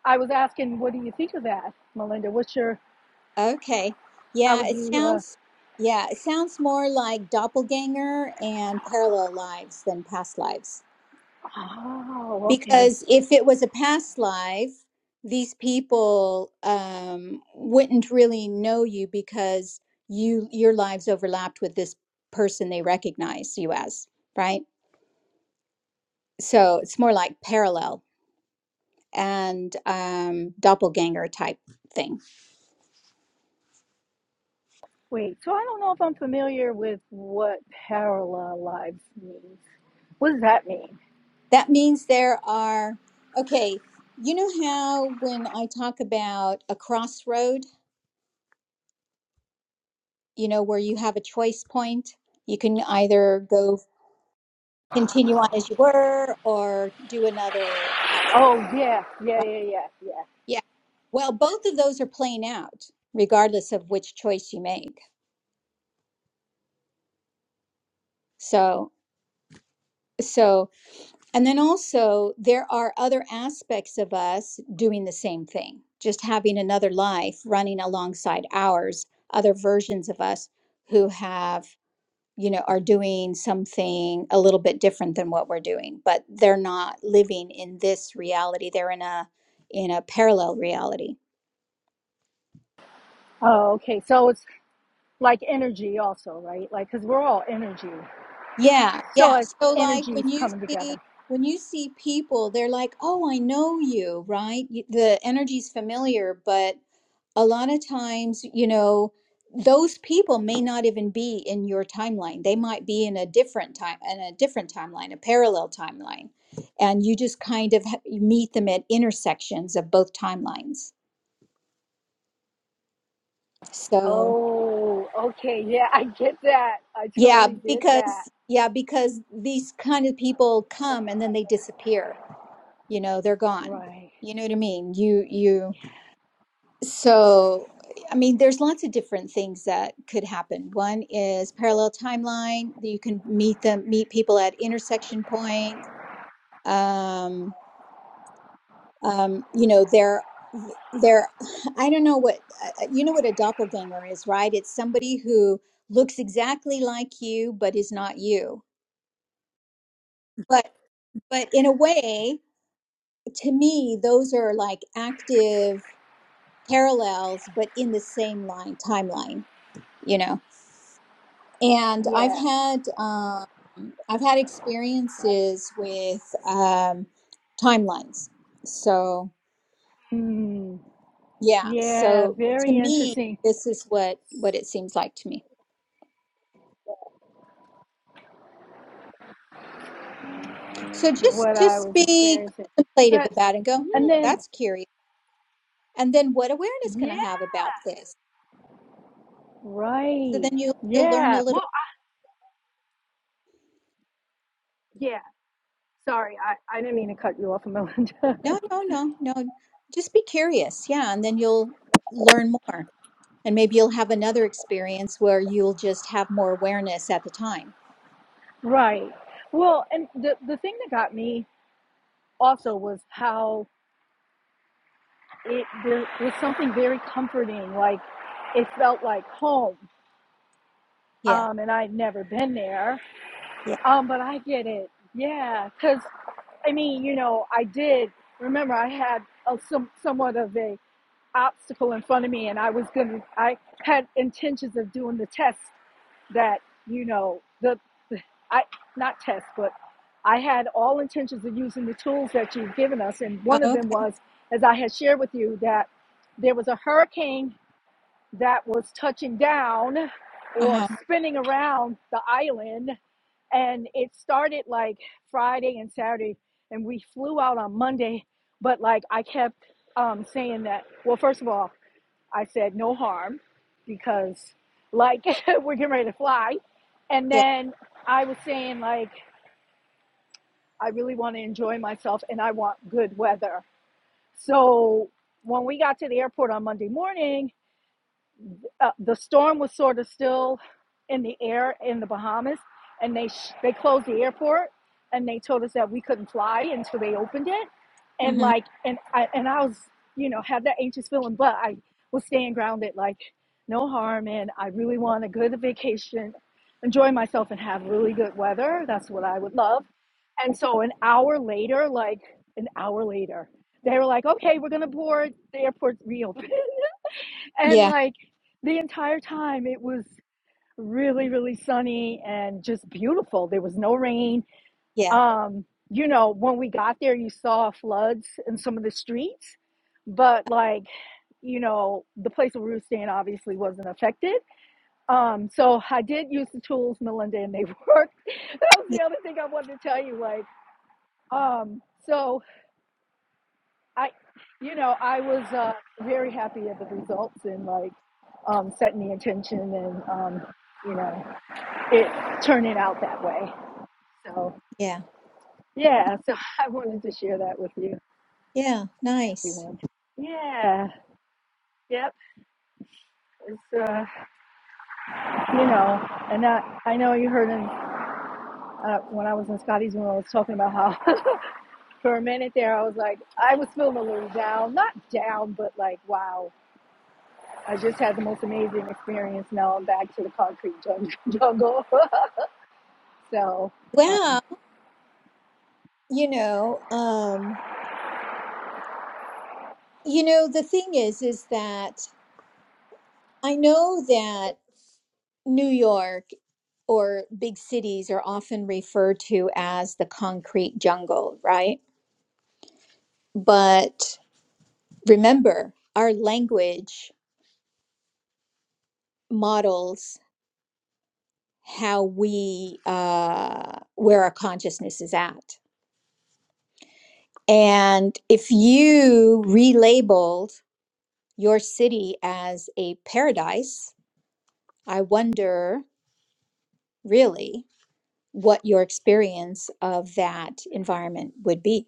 D: I was asking, what do you think of that, Melinda? What's your
A: Okay.
D: How
A: Yeah,
D: would
A: it
D: you? Uh,
A: sounds yeah, it sounds more like doppelganger and parallel lives than past lives.
D: oh, okay.
A: Because if it was a past life, these people um, wouldn't really know you because you your lives overlapped with this person they recognize you as, right? So it's more like parallel and um, doppelganger type thing.
D: Wait. So I don't know if I'm familiar with what parallel lives means. What does that mean?
A: That means there are, okay, you know how when I talk about a crossroad, you know, where you have a choice point, you can either go continue on as you were or do another option,
D: Oh, yeah, yeah,
A: right?
D: yeah, yeah, yeah.
A: Yeah. Well, both of those are playing out regardless of which choice you make. So, so And then also, there are other aspects of us doing the same thing, just having another life running alongside ours, other versions of us who have, you know, are doing something a little bit different than what we're doing, but they're not living in this reality. They're in a in a parallel reality.
D: Oh, okay. So it's like energy, also, right? Like, because we're all energy.
A: Yeah,
D: So
A: yeah.
D: it's
A: So like
D: energies
A: when you
D: coming
A: see
D: together.
A: when you see people, they're like, "Oh, I know you," right? You, the energy's familiar, but a lot of times, you know, those people may not even be in your timeline. They might be in a different time, in a different timeline, a parallel timeline. And you just kind of ha- meet them at intersections of both timelines. So,
D: Oh, okay. Yeah, I get that. I
A: yeah,
D: totally get that.
A: because, yeah, because these kind of people come and then they disappear. You know, they're gone.
D: Right.
A: You know what I mean? You, you, So, I mean, there's lots of different things that could happen. One is parallel timeline. that You can meet them, meet people at intersection points. Um, um, you know, there, there. I don't know what uh, you know what a doppelganger is, right? It's somebody who looks exactly like you but is not you. But, but in a way, to me, those are like active parallels, but in the same line timeline. You know. and I've
D: Yeah.
A: had um, I've had experiences with um, timelines. So
D: Hmm.
A: yeah,
D: Yeah.
A: so to
D: Very
A: me,
D: interesting.
A: this is what what it seems like to me. So just
D: What I
A: just
D: was
A: be
D: experiencing.
A: contemplative
D: but.
A: about it and go, hmm,
D: And then,
A: that's curious. And then what awareness can
D: yeah,
A: I have about this? So
D: right.
A: then you you'll learn a
D: Yeah.
A: little.
D: Well, I, yeah. Sorry, I, I didn't mean to cut you off, Melinda.
A: No, no, no, no. Just be curious, yeah, and then you'll learn more. And maybe you'll have another experience where you'll just have more awareness at the time
D: right. Well, and the, the thing that got me also was how it there was something very comforting. Like it felt like home.
A: Yeah.
D: Um, and I'd never been there.
A: Yeah.
D: Um, but I get it. Yeah, because I mean, you know, I did remember I had a, some somewhat of a obstacle in front of me and I was going to, I had intentions of doing the test that, you know, the, the, I, not test, but I had all intentions of using the tools that you've given us. And one of
A: Oh,
D: them
A: okay.
D: was, as I had shared with you, that there was a hurricane that was touching down or
A: Uh-huh.
D: spinning around the island. And it started like Friday and Saturday, and we flew out on Monday. But like I kept um, saying that, well, first of all, I said no harm because like we're getting ready to fly. And
A: Yeah.
D: then I was saying like I really want to enjoy myself and I want good weather. So when we got to the airport on Monday morning, uh, the storm was sort of still in the air in the Bahamas, and they sh- they closed the airport, and they told us that we couldn't fly until they opened it, and
A: Mm-hmm.
D: like and I and I was you know had that anxious feeling, but I was staying grounded, like no harm, and I really want a good vacation, enjoy myself, and have really good weather. That's what I would love. And so an hour later, like an hour later, they were like, "Okay, we're gonna board." The airport reopened. and
A: Yeah.
D: like the entire time it was really really sunny and just beautiful there was no rain
A: Yeah.
D: um you know when we got there you saw floods in some of the streets but like you know the place where we were staying obviously wasn't affected um so i did use the tools melinda and they worked that was
A: Yeah.
D: the other thing i wanted to tell you like um so I, you know, I was uh, very happy at the results and like um, setting the intention and um, you know it turning out that way. So
A: Yeah.
D: yeah, so I wanted to share that with you,
A: Yeah. Nice.
D: everyone. Yeah, yep. It's uh, you know, and I, I know you heard in, uh, when I was in Scotty's room, I was talking about how for a minute there I was like I was feeling a little down, not down, but like wow, I just had the most amazing experience. Now I'm back to the concrete jungle. So,
A: Well,
D: um,
A: you know, um, you know, the thing is, is that I know that New York or big cities are often referred to as the concrete jungle, right? But remember, our language models how we, uh, where our consciousness is at And if you relabeled your city as a paradise, I wonder really what your experience of that environment would be.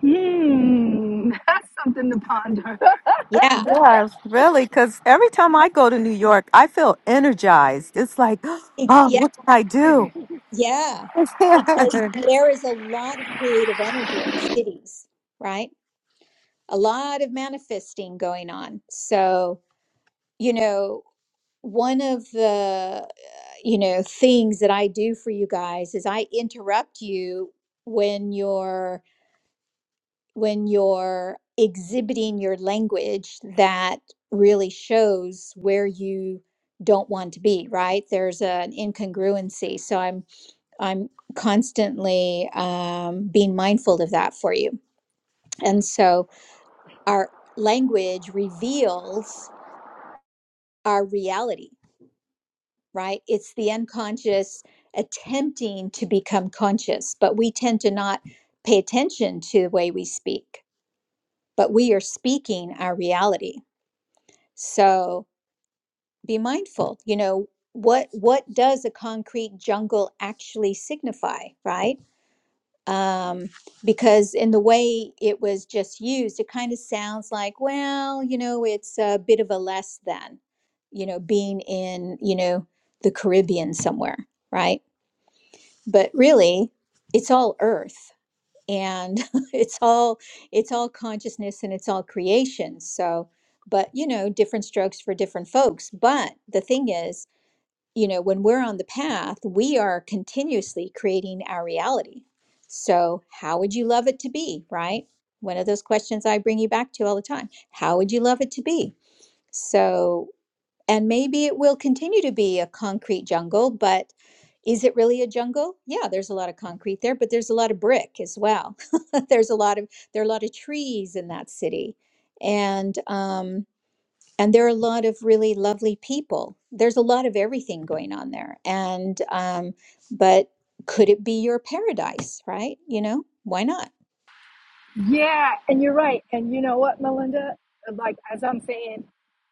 D: hmm, that's something to ponder.
A: Yeah.
C: Yeah, really, because every time I go to New York, I feel energized. It's like,
A: Ex-
C: oh,
A: yeah.
C: what can I do?
A: Yeah. Because there is a lot of creative energy in cities, right? A lot of manifesting going on. So, you know, one of the uh, you know things that I do for you guys is I interrupt you when you're when you're exhibiting your language that really shows where you don't want to be right there's an incongruency so i'm i'm constantly um, being mindful of that for you and so our language reveals our reality right? It's the unconscious attempting to become conscious, but we tend to not pay attention to the way we speak, but we are speaking our reality. So be mindful, you know, what what does a concrete jungle actually signify, right? Um, because in the way it was just used, it kind of sounds like, well, you know, it's a bit of a less than, you know, being in, you know, the Caribbean somewhere, right? but really it's all earth and it's all it's all consciousness and it's all creation so but you know different strokes for different folks but the thing is you know when we're on the path we are continuously creating our reality so how would you love it to be right one of those questions i bring you back to all the time how would you love it to be so and maybe it will continue to be a concrete jungle, but is it really a jungle? Yeah, there's a lot of concrete there, but there's a lot of brick as well. there's a lot of there are a lot of trees in that city, and um, and there are a lot of really lovely people. There's a lot of everything going on there, and um, but could it be your paradise? Right? You know, why not?
D: yeah, and you're right. And you know what, Melinda? Like as I'm saying,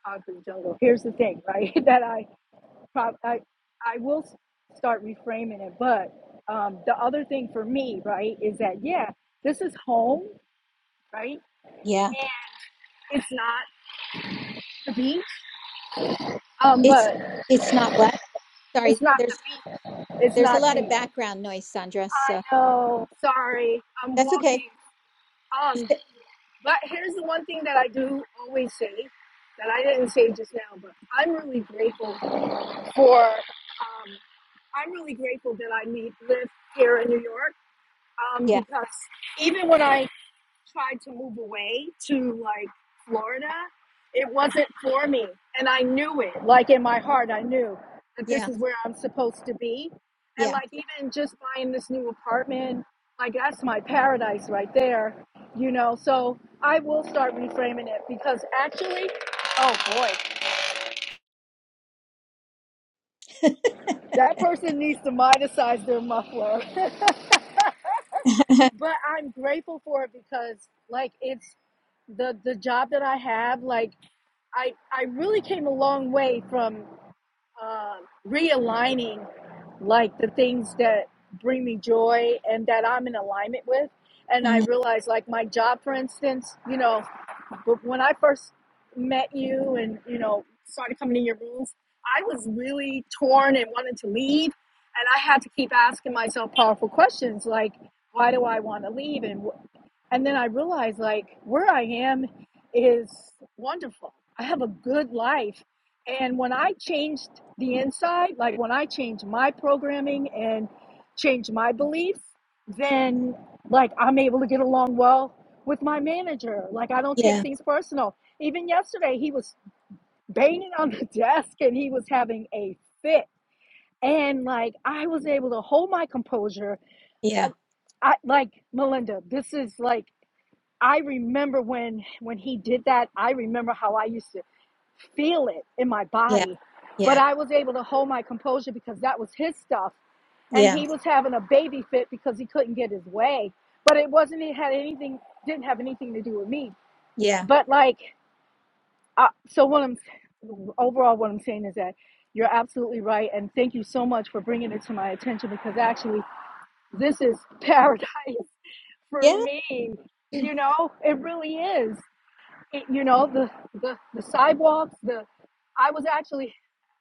D: concrete jungle. Here's the thing, right? that I prob- I I will start reframing it. But um, the other thing for me, right, is that yeah, this is home, right?
A: Yeah,
D: And it's not the beach, um,
A: it's
D: but
A: it's not what. Sorry,
D: it's not
A: there's
D: the beach. It's
A: there's a
D: not
A: lot of
D: the
A: background noise, Sandra. So
D: I know. Sorry, I'm
A: that's okay.
D: walking. Um, but here's the one thing that I do always say that I didn't say just now, but I'm really grateful for. Um, I'm really grateful that I meet live here in New York. Um,
A: Yeah.
D: because even when I tried to move away to like Florida, it wasn't for me. And I knew it. Like in my heart, I knew that this
A: Yeah,
D: is where I'm supposed to be. And
A: yeah,
D: like even just buying this new apartment, like that's my paradise right there, you know. So I will start reframing it because actually, oh boy, that person needs to monetize their muffler. but I'm grateful for it because like it's the the job that I have, like I I really came a long way from uh, realigning like the things that bring me joy and that I'm in alignment with. And I
A: Mhm.
D: realized like my job, for instance, you know, but when I first met you and you know started coming in your rooms, I was really torn and wanted to leave, and I had to keep asking myself powerful questions like, why do I want to leave, and and then I realized like where I am is wonderful. I have a good life. And when I changed the inside, like when I changed my programming and changed my beliefs, then like I'm able to get along well with my manager. Like I don't take
A: yeah,
D: things personal. Even yesterday, he was banging on the desk and he was having a fit. And like I was able to hold my composure. I,
A: yeah,
D: I like Melinda, this is like I remember when when he did that, I remember how I used to feel it in my
A: yeah,
D: body. But
A: yeah,
D: I was able to hold my composure because that was his stuff. And
A: yeah,
D: he was having a baby fit because he couldn't get his way. But it wasn't it had anything didn't have anything to do with me.
A: yeah,
D: But like uh, so what I'm overall what I'm saying is that you're absolutely right and thank you so much for bringing it to my attention because actually this is paradise for me.
A: yeah,
D: You know, it really is it, you know the, the the sidewalks the i was actually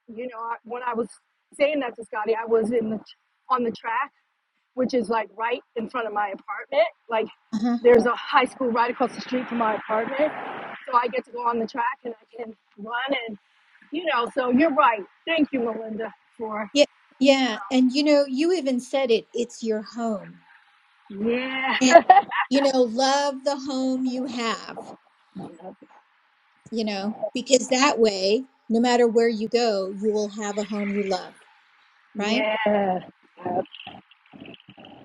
D: you know when i was saying that to scotty i was in the on the track which is like right in front of my apartment like
A: uh-huh.
D: there's a high school right across the street from my apartment so i get to go on the track and i can run and you know so you're right thank you melinda for
A: yeah, yeah. And you know, you even said it. It's your home,
D: yeah
A: and you know, love the home you have. You know, because that way, no matter where you go, you will have a home you love. Right?
D: yeah yeah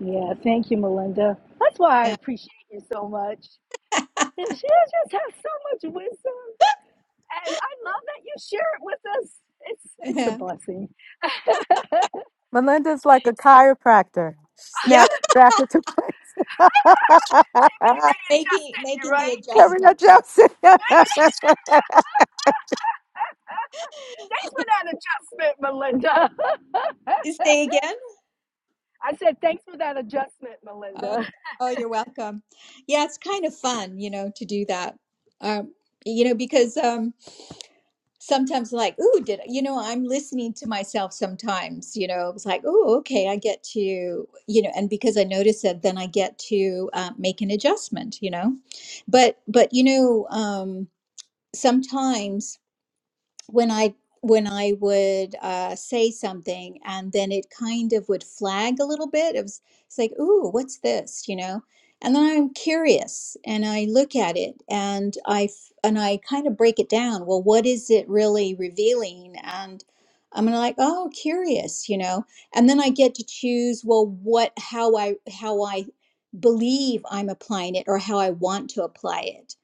D: Yeah. thank you melinda that's why i
A: Yeah,
D: appreciate you so much And she just has so much wisdom. And I love that you share it with us. It's it's a
A: yeah,
D: blessing.
C: Melinda's like a chiropractor. She
A: yeah.
C: snaps back into place.
D: She
A: Making
D: been bringing Justin, you
A: making
D: right?
A: the adjustment.
C: Sabrina Johnson.
D: Thanks for that adjustment, Melinda.
A: Say again.
D: I said thanks for that adjustment,
A: Oh,
D: Melinda.
A: oh, you're welcome. Yeah, it's kind of fun, you know, to do that. Um, you know, because um, sometimes, like, ooh, did you know, I'm listening to myself sometimes, you know, it's like, oh, okay, I get to, you know, and because I notice it, then I get to uh, make an adjustment, you know. But, but, you know, um, sometimes when I when I would uh, say something and then it kind of would flag a little bit. It was it's like, ooh, what's this? You know? And then I'm curious and I look at it and I f- and I kind of break it down. Well, what is it really revealing? And I'm gonna like, oh, curious, you know? And then I get to choose, well, what how I how I believe I'm applying it or how I want to apply it.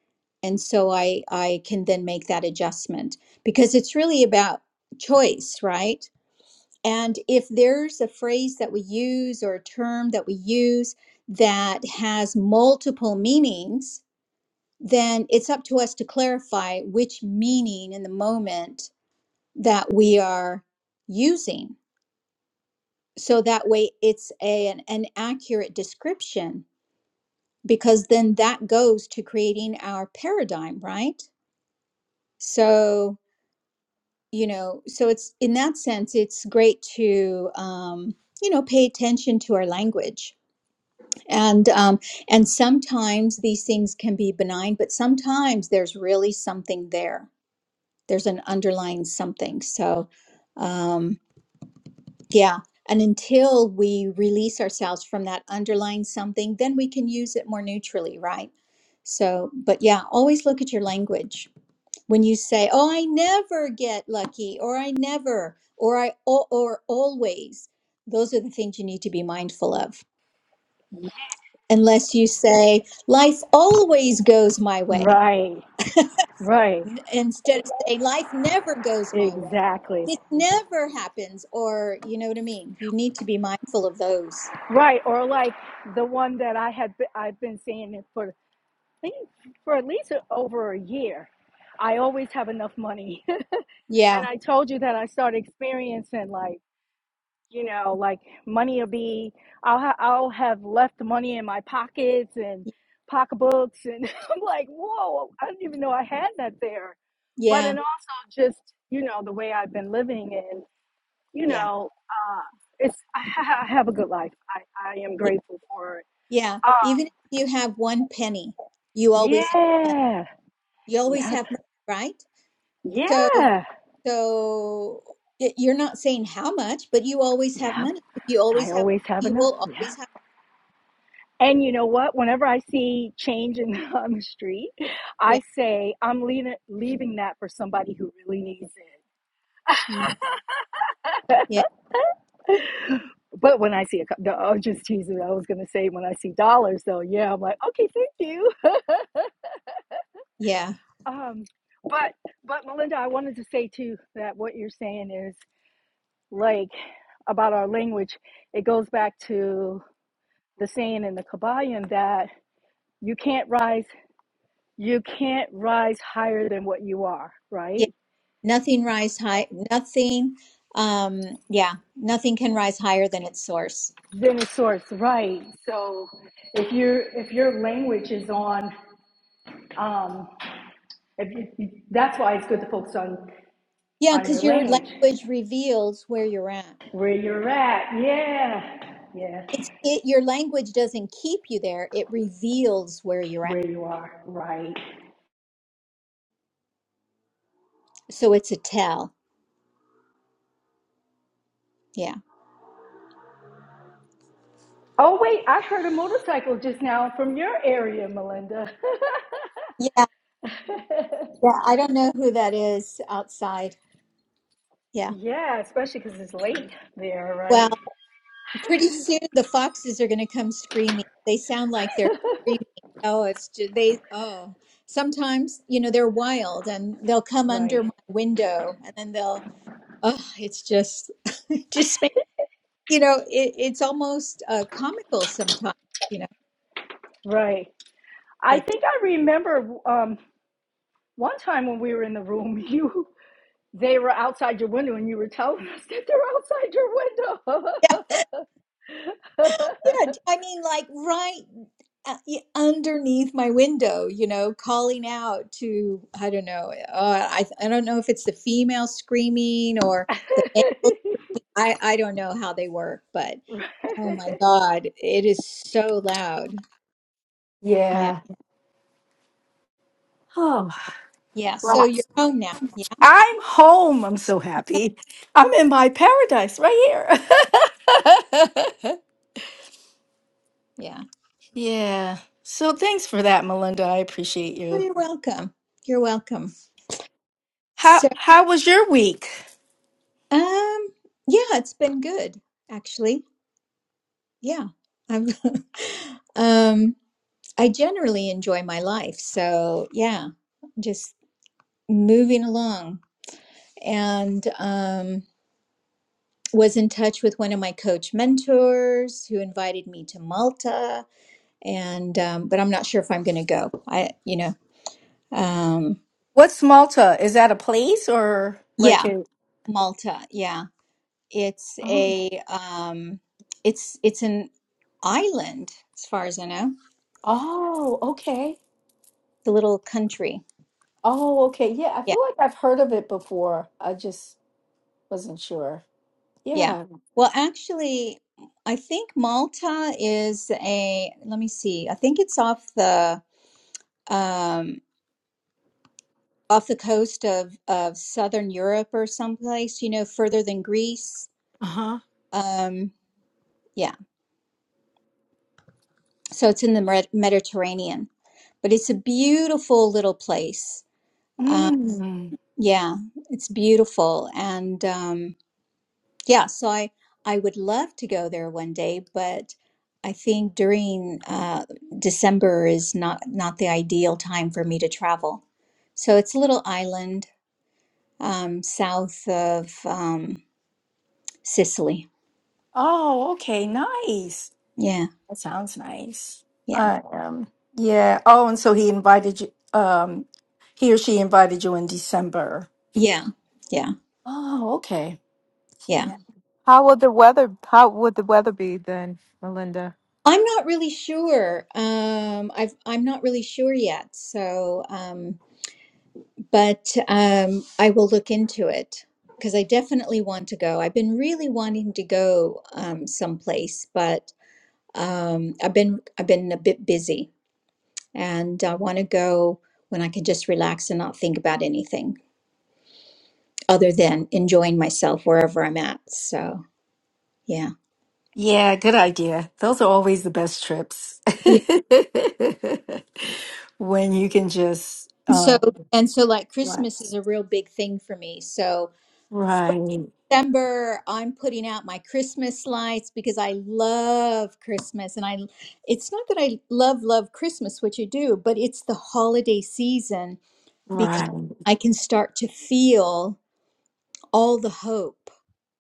A: And so I I can then make that adjustment because it's really about choice, right? And if there's a phrase that we use or a term that we use that has multiple meanings, then it's up to us to clarify which meaning in the moment that we are using. So that way it's a, an, an accurate description because then that goes to creating our paradigm, right? So you know so it's in that sense it's great to um you know pay attention to our language and um and sometimes these things can be benign but sometimes there's really something there there's an underlying something so um yeah and until we release ourselves from that underlying something then we can use it more neutrally right so but yeah always look at your language when you say oh i never get lucky or i never or i or, or always those are the things you need to be mindful of unless you say life always goes my way
D: Right, right,
A: n- instead of saying life never goes my way
D: exactly,
A: this never happens or you know what i mean you need to be mindful of those
D: right. Or like the one that I had be- I've been saying it for I think for at least over a year. I always have enough money, and
A: yeah
D: I told you that I started experiencing like. you know, like money will be, I'll, ha- I'll have left money in my pockets and pocketbooks. And I'm like, whoa, I didn't even know I had that there. But,
A: yeah
D: and also just, you know, the way I've been living and, you
A: yeah
D: know, uh, it's, I have a good life. I, I am
A: yeah,
D: grateful for it.
A: yeah. even if you have one penny you always have money.
D: Yeah.
A: you always
D: Yep.
A: have money right so
D: Yeah.
A: So y- you're not saying how much, but you always have
D: Yep.
A: money. If you
D: I
A: always have,
D: always have
A: you
D: enough.
A: will
D: Yeah.
A: always have.
D: And you know what? Whenever I see change in on the street,
A: Yeah,
D: I say I'm leaving leaving that for somebody who really needs
A: Mm. yeah,
D: it. But when I see a, co- no, I'm just teasing. I was gonna say when I see dollars, though, yeah, I'm like, okay, thank you.
A: yeah,
D: Um, but but Melinda, I wanted to say too that what you're saying is like about our language. It goes back to the saying in the Kabbalion that you can't rise you can't rise higher than what you are,
A: yeah.
D: right?
A: Nothing rise high. Nothing. Um, yeah, nothing can rise higher than its source.
D: Then a source, right? So if your if your language is on, um, if you, that's why it's good to focus on
A: Yeah,
D: on your
A: because your
D: language,
A: language reveals where you're at.
D: where you're at. Yeah, yeah,
A: It's it. Your language doesn't keep you there. It reveals where you're at.
D: where you are, right?
A: So it's a tell. Yeah.
D: Oh wait, I heard a motorcycle just now from your area, Melinda.
A: Yeah. Yeah. I don't know who that is outside. Yeah.
D: yeah, especially because it's late there,
A: Wow.
D: right?
A: Pretty soon the foxes are going to come screaming. They sound like they're screaming. Oh, it's just, they, oh, sometimes, you know, they're wild and they'll come
D: right,
A: under my window and then they'll, oh, it's just, it just, make, you know, it, it's almost uh, comical sometimes, you know,
D: right. I
A: but
D: think I remember. Um, One time when we were in the room, you they were outside your window and you were telling us that they're outside your
A: yeah,
D: window.
A: yeah. I mean, like right uh, y- underneath my window, you know, calling out to, I don't know, uh, I, I don't know if it's the female screaming or the male I I don't know how they work, but
D: Right.
A: oh my God, it is so loud. Yeah.
D: Yeah. Oh,
A: Yeah. So
D: right.
A: you're home now. Yeah.
D: I'm home. I'm so happy. I'm in my paradise right here.
A: Yeah.
D: yeah. So thanks for that, Melinda. I appreciate
A: Oh,
D: you.
A: you're welcome. You're welcome.
D: How
A: So,
D: how was your week?
A: um, yeah, it's been good actually. Yeah. I'm um I generally enjoy my life. So, yeah, just moving along and um was in touch with one of my coach mentors who invited me to Malta and um, but I'm not sure if I'm going to go. I, you know, um,
D: What's Malta? Is that a place or like
A: yeah,
D: a?
A: Malta. Yeah, it's
D: Oh.
A: a um, it's it's an island as far as I know.
D: Oh, okay.
A: It's a little country.
D: Oh, okay. Yeah, I
A: Yeah,
D: feel like I've heard of it before. I just wasn't sure.
A: yeah.
D: Yeah.
A: Well, actually, I think Malta is a. Let me see. I think it's off the um, off the coast of of southern Europe or someplace. You know, further than Greece.
D: Uh-huh.
A: Um, yeah. So it's in the Mer- Mediterranean. but it's a beautiful little place. Uh,
D: Mm.
A: yeah, it's beautiful, and um, yeah, so I I would love to go there one day, but I think during uh, December is not not the ideal time for me to travel. So it's a little island um, south of um, Sicily.
D: Oh, okay. Nice.
A: Yeah,
D: That sounds nice.
A: yeah,
D: I um yeah. Oh, and so he invited you um he or she invited you in December.
A: yeah, yeah,
D: Oh, okay.
A: yeah.
D: Yeah.
C: how will the weather? How would the weather be then, Melinda?
A: I'm not really sure. Um, I've I'm not really sure yet. So. Um, but um, I will look into it because I definitely want to go. I've been really wanting to go um, someplace, but um, I've been I've been a bit busy, and I want to go when I can just relax and not think about anything other than enjoying myself wherever I'm at. So yeah,
D: Yeah, good idea. Those are always the best trips.
A: yeah.
D: When you can just
A: And so
D: um
A: and so, like Christmas is
D: relax.
A: a real big thing for me. So
D: Right.
A: December, I'm putting out my Christmas lights because I love Christmas. And I, it's not that I love, love Christmas, which I do, but it's the holiday season because
D: Right.
A: I can start to feel all the hope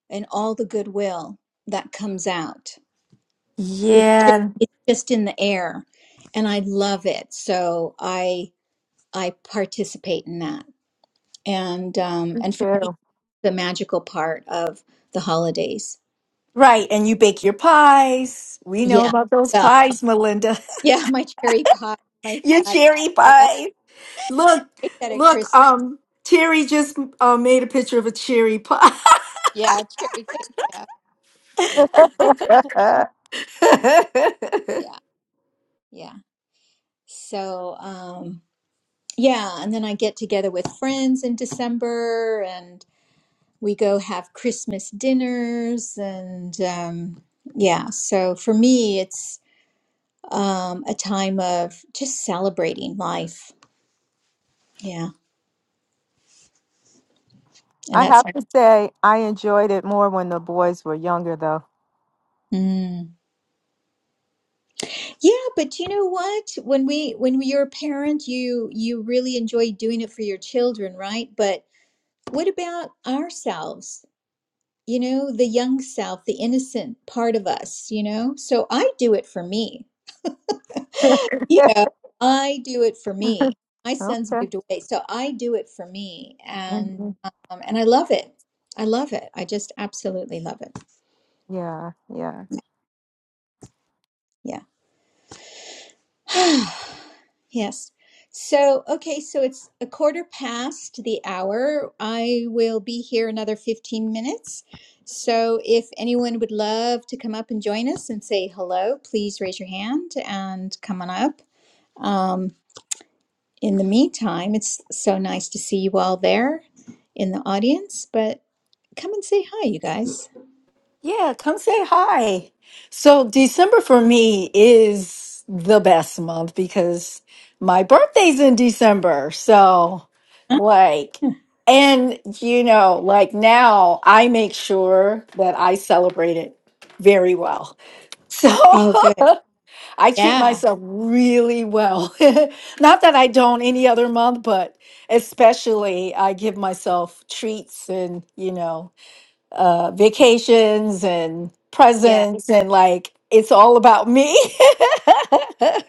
A: and all the goodwill that comes out. It's just,
D: Yeah.
A: it's just in the air and I love it. So I, I participate in that. And, um,
C: Me
A: and for me,
C: too.
A: the magical part of the holidays.
D: Right. And you bake your pies. We know
A: Yeah.
D: about those
A: well,
D: pies, Melinda.
A: Yeah, my cherry pie, my
D: your
A: fat
D: cherry
A: stuff.
D: pie. Look,
A: I said it,
D: look,
A: Chris.
D: um, Terry just uh, made a picture of a cherry pie.
A: Yeah, cherry cake. Yeah, cherry. Yeah, yeah. So, um, yeah, and then I get together with friends in December, and we go have Christmas dinners, and um, yeah. So for me, it's um, a time of just celebrating life. Yeah, and
C: I
A: that's.
C: have to say, I enjoyed it more when the boys were younger, though.
A: mm. Yeah, but you know what? When we when you're a parent, you you really enjoy doing it for your children, right? But what about ourselves? You know, the young self, the innocent part of us, you know? So I do it for me. You
C: okay.
A: know, I do it for me. My son's moved away, so I do it for me and
C: Mhm.
A: um, and I love it. I love it. I just absolutely love it.
C: Yeah, yeah.
A: Yeah. Yes. So, okay, so it's a quarter past the hour. I will be here another 15 minutes. So, if anyone would love to come up and join us and say hello, please raise your hand and come on up. Um, in the meantime, it's so nice to see you all there in the audience, but come and say hi, you guys.
D: Yeah, come say hi. So, December for me is the best month because my birthday's in December. So,
A: Huh?
D: like, and you know, like now I make sure that I celebrate it very well. So,
A: Oh, good.
D: I treat
A: Yeah.
D: myself really well. Not that I don't any other month, but especially I give myself treats and, you know, uh, vacations and
A: Yeah.
D: presents and like it's all about me.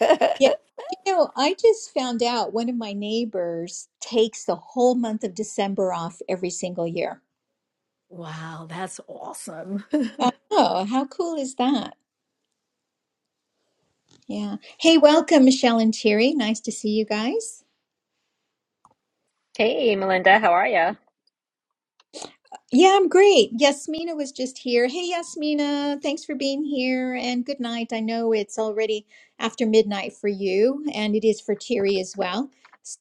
A: You know, I just found out one of my neighbors takes the whole month of December off every single year.
D: wow, that's awesome.
A: Oh, how cool is that? Yeah. Hey, welcome, Michelle and Thierry. Nice to see you guys.
E: Hey, Melinda, how are you?
A: Yeah, I'm great. Yasmina was just here. Hey, Yasmina, thanks for being here and good night. I know it's already after midnight for you, and it is for Thierry as well.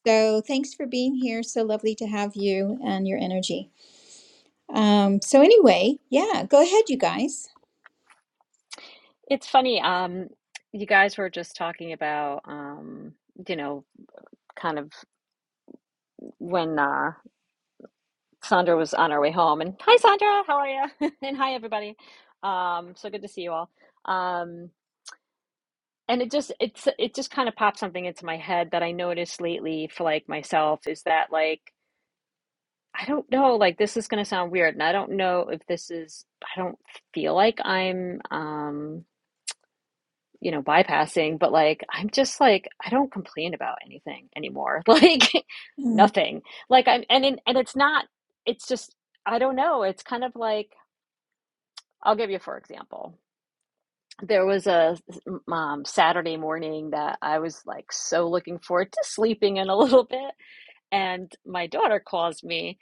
A: So thanks for being here. So lovely to have you and your energy. Um, so, anyway, yeah, go ahead, you guys.
E: It's funny, um, you guys were just talking about, um, you know, kind of when uh, Sandra was on her way home. And hi, Sandra, how are you? And hi, everybody. Um, so good to see you all. Um, and it just it's it just kind of popped something into my head that I noticed lately for like myself is that like I don't know, like this is gonna sound weird, and I don't know if this is I don't feel like I'm um you know, bypassing, but like I'm just like I don't complain about anything anymore. Like nothing. Like I'm and in, and it's not it's just I don't know. It's kind of like I'll give you for example. There was a um, Saturday morning that I was like so looking forward to sleeping in a little bit and my daughter calls me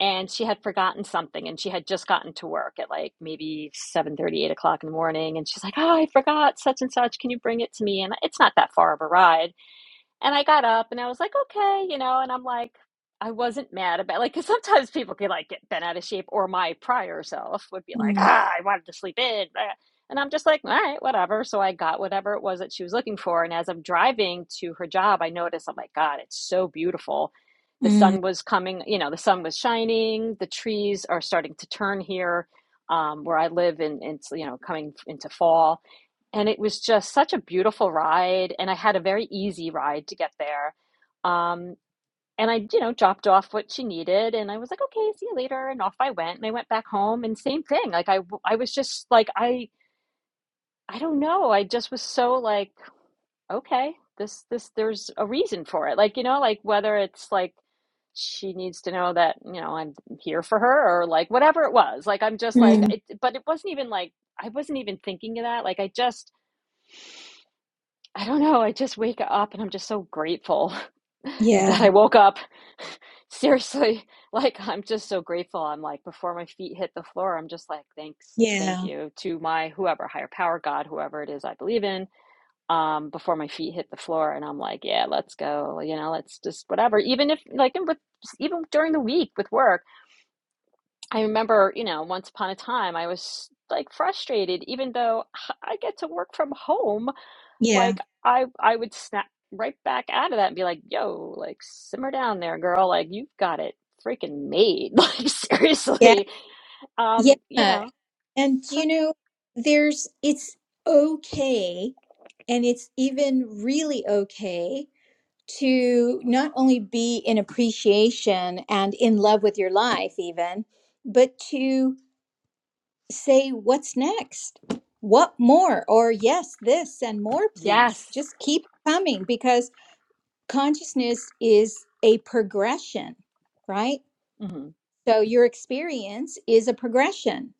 E: and she had forgotten something and she had just gotten to work at like maybe seven thirty, eight o'clock in the morning and she's like oh i forgot such and such can you bring it to me and it's not that far of a ride and I got up and I was like, okay, you know, and I'm like, I wasn't mad about like, because sometimes people can like get bent out of shape, or my prior self would be like,
A: Mm,
E: ah, I wanted to sleep in. blah." And I'm just like, all right, whatever. So I got whatever it was that she was looking for. And as I'm driving to her job, I noticed, I'm like, God, it's so beautiful. The
A: mm,
E: sun was coming, you know, the sun was shining. The trees are starting to turn here um, where I live, and it's, you know, coming into fall and it was just such a beautiful ride and i had a very easy ride to get there um, and i you know dropped off what she needed and i was like okay see you later and off i went and i went back home and same thing like I, I was just like i i don't know i just was so like okay this this there's a reason for it like you know like whether it's like she needs to know that you know i'm here for her or like whatever it was like i'm just like
A: mm.
E: it, but it wasn't even like i wasn't even thinking of that like i just I don't know. I just wake up and I'm just so grateful that
A: Yeah,
E: I woke up. Seriously, like I'm just so grateful. I'm like before my feet hit the floor, I'm just like thanks, thank
A: yeah,
E: you to my whoever, higher power, God, whoever it is I believe in. Um, before my feet hit the floor, and I'm like, yeah, let's go. You know, let's just whatever. Even if like with even during the week with work, I remember you know once upon a time I was like frustrated, even though I get to work from home
A: yeah,
E: like I I would snap right back out of that and be like, "Yo, like simmer down there, girl. Like you've got it freaking made. Like
A: yeah,
E: seriously." Um, you
A: yeah.
E: know.
A: And you
E: So,
A: know, there's it's okay, and it's even really okay to not only be in appreciation and in love with your life, even, but to say, what's next? What more? Or yes, this and more,
E: yes.
A: please. Just keep coming because consciousness is a progression, right?
E: hmm
A: So your experience is a progression.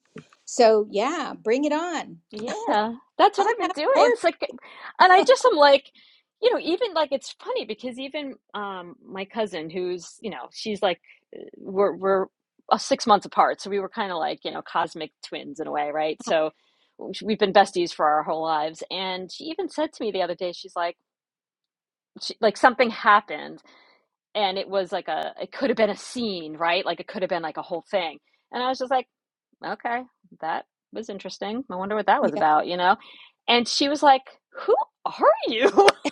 A: So yeah, bring it on.
E: Yeah. That's what
A: I'll
E: I've been
A: have
E: doing.
A: more.
E: It's like and I just am like, you know, even like it's funny because even um my cousin who's, you know, she's like we're we're uh, six months apart, so we were kind of like you know cosmic twins in a way, right? So we've been besties for our whole lives. And she even said to me the other day, she's like, she, like something happened, and it was like a it could have been a scene, right? Like it could have been like a whole thing. And I was just like, okay, that was interesting. I wonder what that was
A: Yeah.
E: about, you know? And she was like, who are you?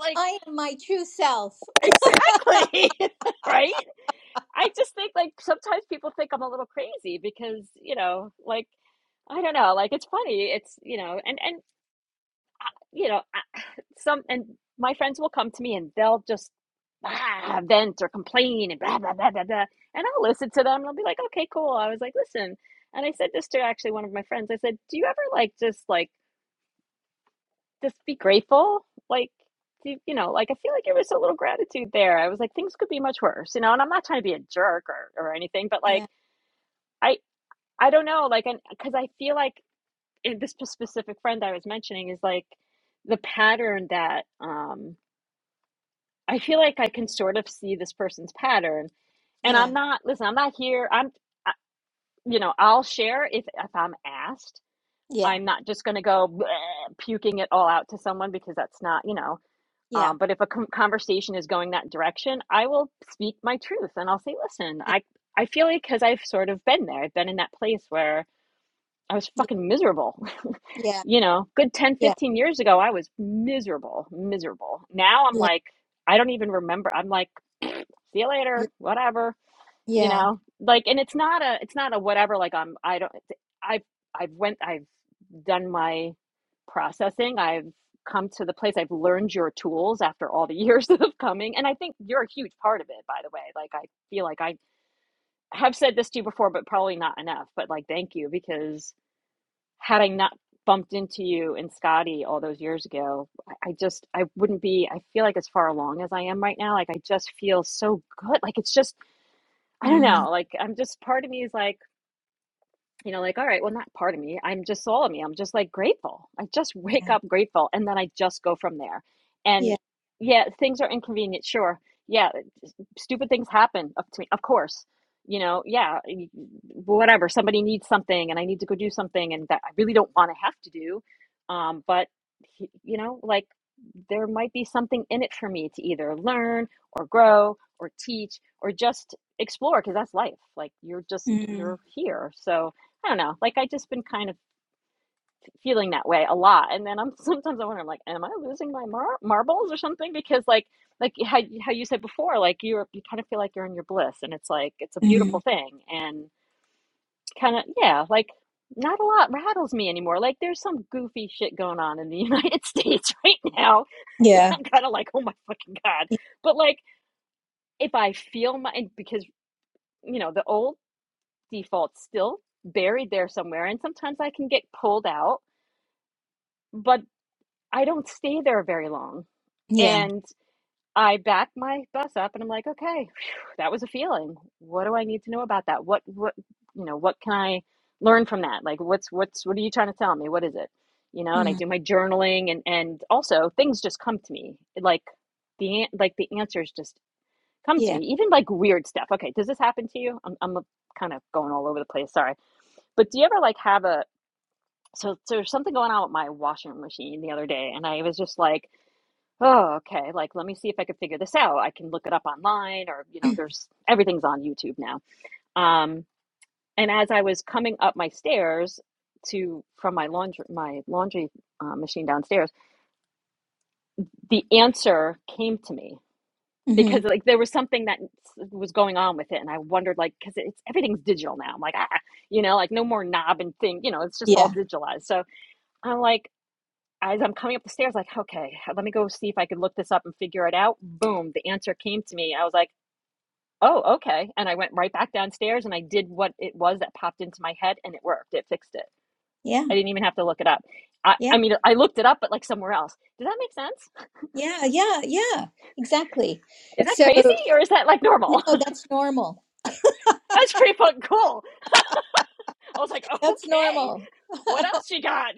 E: like
A: I am my true self.
E: Exactly. right? I just think like sometimes people think I'm a little crazy because, you know, like I don't know, like it's funny. It's, you know, and and you know, I, some and my friends will come to me and they'll just ah, vent or complain and blah blah blah blah blah. And I'll listen to them and I'll be like, "Okay, cool." I was like, "Listen." And I said this to actually one of my friends. I said, "Do you ever like just like just be grateful. Like, to- you know, like I feel like it was a little gratitude there. I was like, things could be much worse, you know, and I'm not trying to be a jerk or, or anything, but like,
A: Yeah.
E: I, I don't know, like, and because I feel like in this specific friend I was mentioning is like the pattern that, um, I feel like I can sort of see this person's pattern and I'm
A: Yeah.
E: not, listen, I'm not here. I'm, I, you know, I'll share if, if I'm asked,
A: Yeah.
E: I'm not just going to go bleh, puking it all out to someone because that's not, you know,
A: Yeah.
E: Um, but if a com- conversation is going that direction, I will speak my truth and I'll say, listen, I, I feel like because I've sort of been there, I've been in that place where I was
A: Yeah.
E: fucking miserable.
A: Yeah.
E: You know, good 10
A: Yeah.
E: fifteen years ago, I was miserable, miserable. Now I'm
A: Yeah. Yeah.
E: like, I don't even remember. I'm like, see you
A: Yeah.
E: later, whatever you
A: yeah.
E: know like and it's not a it's not a whatever like i'm i don't i've i've went i've done my processing i've come to the place i've learned your tools after all the years of coming and i think you're a huge part of it by the way like i feel like i have said this to you before but probably not enough but like thank you because had i not bumped into you and scotty all those years ago i I just i wouldn't be i feel like as far along as i am right now like i just feel so good like it's just I don't
A: Mm.
E: know. Like, I'm just part of me is like, you know, like, all right, well, not part of me. I'm just all of me. I'm just like grateful. I just wake
A: Yeah.
E: up grateful and then I just go from there. And
A: Yeah.
E: yeah, things are inconvenient, sure. Yeah, stupid things happen up to me of course you know yeah whatever somebody needs something and i need to go do something and that i really don't want to have to do um but you know like there might be something in it for me to either learn or grow or teach or just explore because that's life like you're just
A: Mm.
E: you're here so i don't know like i just been kind of feeling that way a lot. And then I'm sometimes I wonder, I'm like, am I losing my mar- marbles or something? Because like like how how you said before, like you're you kind of feel like you're in your bliss, and it's like it's a beautiful
A: Mm.
E: thing, and kind of yeah, like not a lot rattles me anymore. Like there's some goofy shit going on in the United States right now.
A: Yeah.
E: I'm kind of like, oh my fucking god.
A: Yeah.
E: But like if I feel my because you know the old default's still buried there somewhere, and sometimes I can get pulled out, but I don't stay there very long
A: Yeah.
E: And I back my bus up and I'm like, okay, phew, that was a feeling. What do I need to know about that? What what you know, what can I learn from that? Like what's what's what are you trying to tell me? What is it? You know, and I
A: Mm.
E: do my journaling and and also things just come to me. Like the an- like the answers just come to me.
A: Yeah.
E: Even like weird stuff. Okay, does this happen to you? I'm I'm kind of going all over the place, sorry. But do you ever like have a so, so there's something going on with my washing machine the other day and I was just like oh, okay, like let me see if I could figure this out. I can look it up online or, you know, there's everything's on YouTube now. Um, and as I was coming up my stairs to from my laundry my laundry uh, machine downstairs, the answer came to me
A: Mm-hmm.
E: because like there was something that was going on with it and I wondered like cuz it's everything's digital now. I'm like, ah, you know, like no more knob and thing, you know, it's just all
A: Yeah.
E: digitalized. So I'm like as I'm coming up the stairs, like, okay, let me go see if I can look this up and figure it out. Boom, the answer came to me. I was like, Oh, okay. And I went right back downstairs and I did what it was that popped into my head and it worked. It fixed it.
A: Yeah.
E: I didn't even have to look it up. I,
A: Yeah.
E: I mean, I looked it up, but like somewhere else. Does that make sense?
A: Yeah. Yeah. Yeah. Exactly.
E: Is that
A: So
E: crazy
A: no,
E: or is that like normal?
A: that's normal.
E: That's pretty fucking cool. I was like,
A: That's
E: okay,
A: normal.
E: what else you got?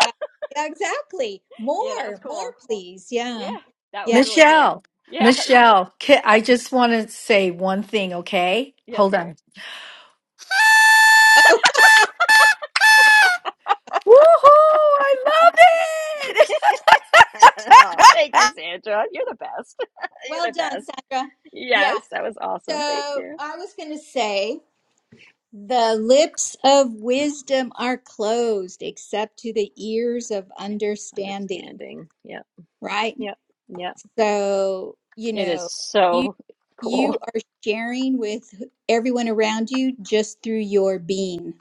A: Yeah, yeah, exactly.
E: Yeah, that was
A: More, more,
E: cool.
A: please.
E: Yeah,
A: Yeah,
E: that was
A: yeah.
E: really cool.
D: Michelle,
E: Yes.
D: Michelle, ca-
E: Yeah.
D: I just want to say one thing, okay?
E: Yes,
D: Hold
E: dear.
D: on.
A: Oh,
D: Woohoo! I love
E: oh, thank you, Sandra. You're the best. You're
A: well
E: the
A: done,
E: best.
A: Sandra. Yeah.
E: Yes, that was awesome. Thank
A: So
E: you.
A: I was going to say the lips of wisdom are closed except to the ears of
E: Yes,
A: understanding,
E: understanding. Yep.
A: right?
E: Yep. Yep.
A: So, you
E: It is
A: know, you
E: so cool.
A: you are sharing with everyone around you just through your being.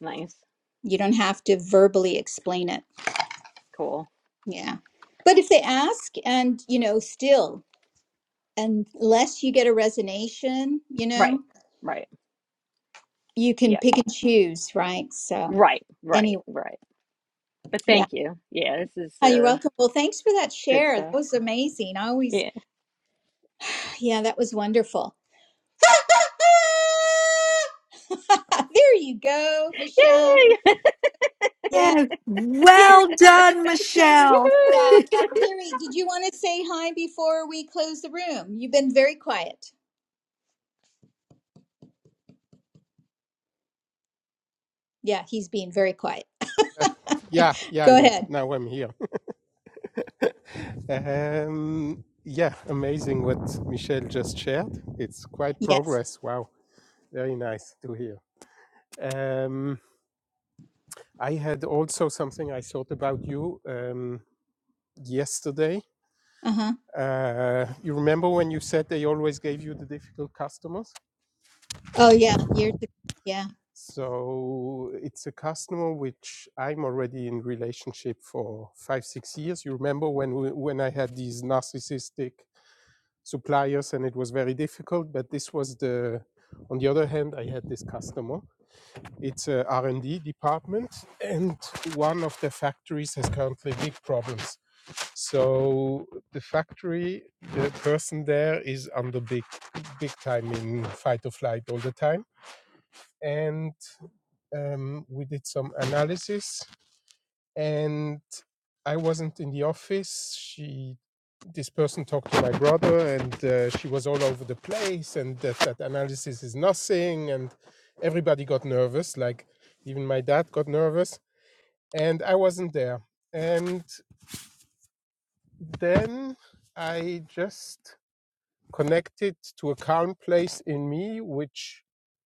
E: Nice.
A: You don't have to verbally explain it.
E: Cool.
A: Yeah. But if they ask and, you know, still unless you get a resignation, you
E: Right.
A: know,
E: Right.
A: you can
E: Yeah.
A: pick and choose, right? So
E: Right. Right.
A: anyway,
E: Right. But
A: yeah.
E: thank you. Yeah, this is
A: Oh, you're
E: uh
A: welcome. Well, thanks for that
E: good
A: share. That
E: stuff.
A: was amazing. I always,
E: Yeah.
A: yeah, that was wonderful. there you go, Michelle.
E: Yay!
A: Yeah.
D: it!
A: Terry,
D: well
A: did you
D: done,
A: want to say any?
D: Michelle.
E: Woohoo!
A: Yeah. Terry, did you want to say hi before we close the room? You've been very quiet. Yeah, he's being very quiet.
F: Yeah, yeah,
A: Go
F: yeah.
A: ahead.
F: Now I'm here. um, yeah, amazing what Michelle just shared. It's quite
A: Yes.
F: progress. Wow, very nice to hear. Um, I had also something I thought about you um, yesterday.
A: Uh huh.
F: Uh, you remember when you said they always gave you the difficult customers?
A: Oh, yeah. Years ago. Yeah.
F: So it's a customer which I'm already in relationship for five, six years. You remember when we, when I had these narcissistic suppliers and it was very difficult but this was the on the other hand i had this customer it's a R and d department and one of the factories has currently big problems so the factory the person there is under big big time in fight or flight all the time and um, we did some analysis and i wasn't in the office she this person talked to my brother and uh, she was all over the place and that, that analysis is nothing and everybody got nervous like even my dad got nervous and i wasn't there and then i just connected to a calm place in me which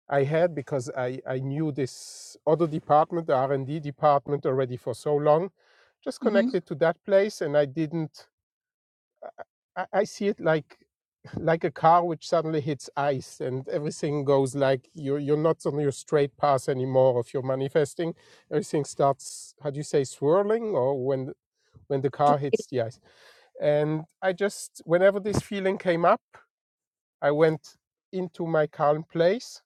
F: i had because i, I knew this other department the r&d department already for so long just
A: Mm-hmm.
F: connected to that place and i didn't I, I see it like like a car which suddenly hits ice and everything goes like you're you're not on your straight path anymore if you're manifesting everything starts how do you say swirling or when when the car hits the ice and i just whenever this feeling came up i went into my calm place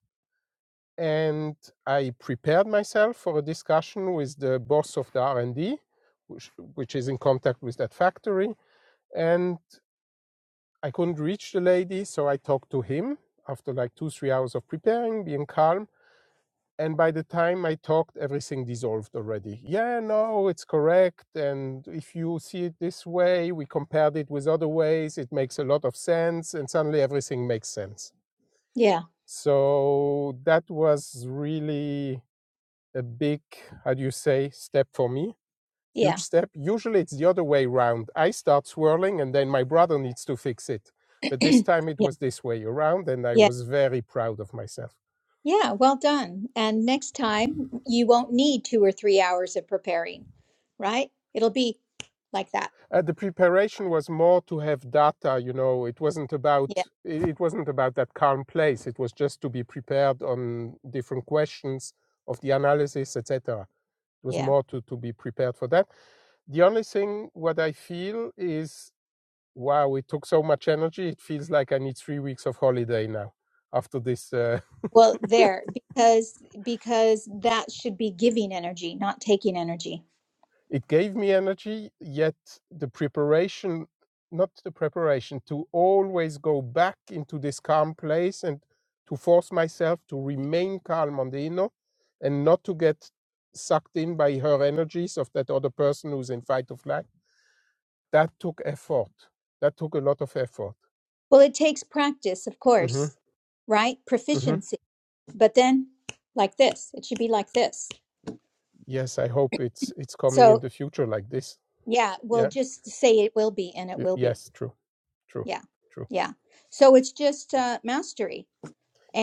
F: and i prepared myself for a discussion with the boss of the r&d which, which is in contact with that factory and. I couldn't reach the lady, so I talked to him after like two, three hours of preparing, being calm. And by the time I talked, everything dissolved already. Yeah, no, it's correct. And if you see it this way, we compared it with other ways, it makes a lot of sense. And suddenly everything makes sense.
A: Yeah,
F: So that was really a big, how do you say, step for me
A: yeah,
F: huge step. Usually it's the other way around. I start swirling and then my brother needs to fix it. But this
A: yeah,
F: time it was this way around and I
A: yeah,
F: was very proud of myself.
A: yeah. Well done. And next time you won't need two or three hours of preparing, right? It'll be like that.
F: Uh, the preparation was more to have data, you know, it wasn't
A: Yeah,
F: about it it wasn't about that calm place. It was just to be prepared on different questions of the analysis, etc. It was
A: yeah.
F: more to, to be prepared for that. The only thing what I feel is wow, it took so much energy. It feels like I need three weeks of holiday now after this. Uh,
A: Well, there, because because that should be giving energy, not taking energy.
F: it gave me energy, yet the preparation, not the preparation, to always go back into this calm place and to force myself to remain calm on the inner and not to get sucked in by her energies of that other person who's in fight or flight. That took effort. That took a lot of effort.
A: Well, it takes practice, of
F: hmm
A: course, right?
F: hmm
A: Proficiency. But then like this, it should be like this.
F: Yes, I hope it's it's coming in
A: So,
F: the future like this.
A: yeah,
F: Yeah.
A: we'll just say it will be and it
F: Y-
A: will be.
F: Yes, true, true,
A: Yeah,
F: true.
A: yeah. So it's just uh, mastery.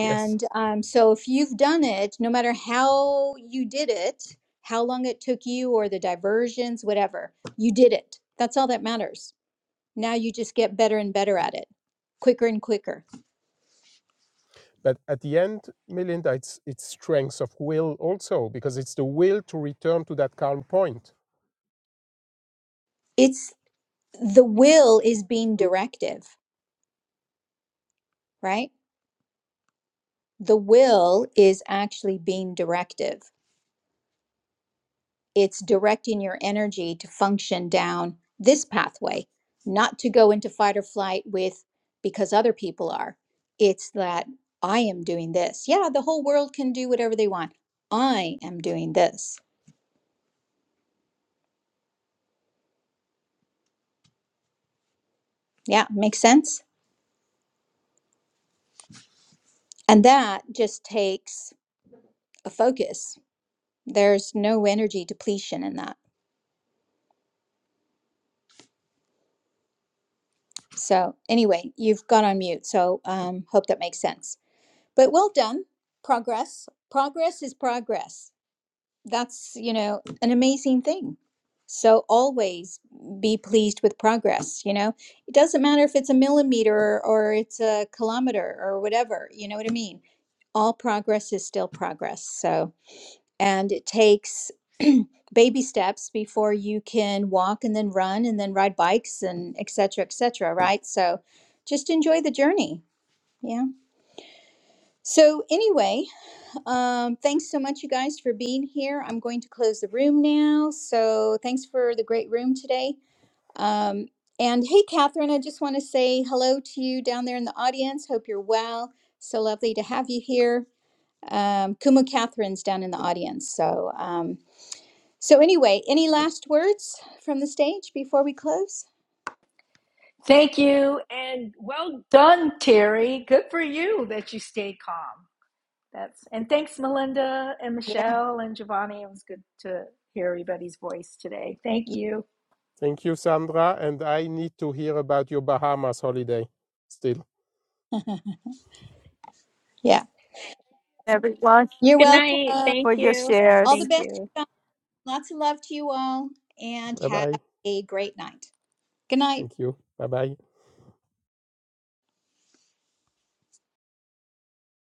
F: Yes.
A: um, so, if you've done it, no matter how you did it, how long it took you, or the diversions, whatever, you did it. That's all that matters. Now you just get better and better at it, quicker and quicker.
F: But at the end, Melinda, it's it's strength of will also, because it's the will to return to that calm point.
A: It's the will is being directive, right? The will is actually being directive. it's directing your energy to function down this pathway, not to go into fight or flight with because other people are. It's that I am doing this. Yeah, the whole world can do whatever they want. I am doing this. Yeah, makes sense. And that just takes a focus. There's no energy depletion in that. So, anyway, you've gone on mute. So, um, hope that makes sense. But well done. Progress. Progress is progress. that's you know an amazing thing so always be pleased with progress you know it doesn't matter if it's a millimeter or, it's a kilometer or whatever you know what i mean all progress is still progress so and it takes baby steps before you can walk and then run and then ride bikes and etc cetera, etc cetera, right so just enjoy the journey yeah so anyway Um, thanks so much, you guys, for being here. I'm going to close the room now. So thanks for the great room today. Um, and hey, Catherine, I just want to say hello to you down there in the audience. Hope you're well. So lovely to have you here. Um, Kumu Catherine's down in the audience. So, um, so anyway, any last words from the stage before we close?
D: Thank you, and well done, Terry. Good for you that you stayed calm. That's and thanks, Melinda and
A: Yeah,
D: Michelle and Giovanni. It was good to hear everybody's voice today. Thank
A: yeah.
D: you.
F: Thank you, Sandra. And I need to hear about your Bahamas holiday still.
A: yeah.
C: Everyone
A: You're
E: Good
A: welcome.
E: night.
C: for
E: Thank
C: your
E: you.
A: All the
C: shares.
E: Thank
A: best.
E: you.
A: you guys. Lots of love to you all, and
F: Bye
A: have
F: bye.
A: a great night. Good night.
F: Thank you. Bye bye.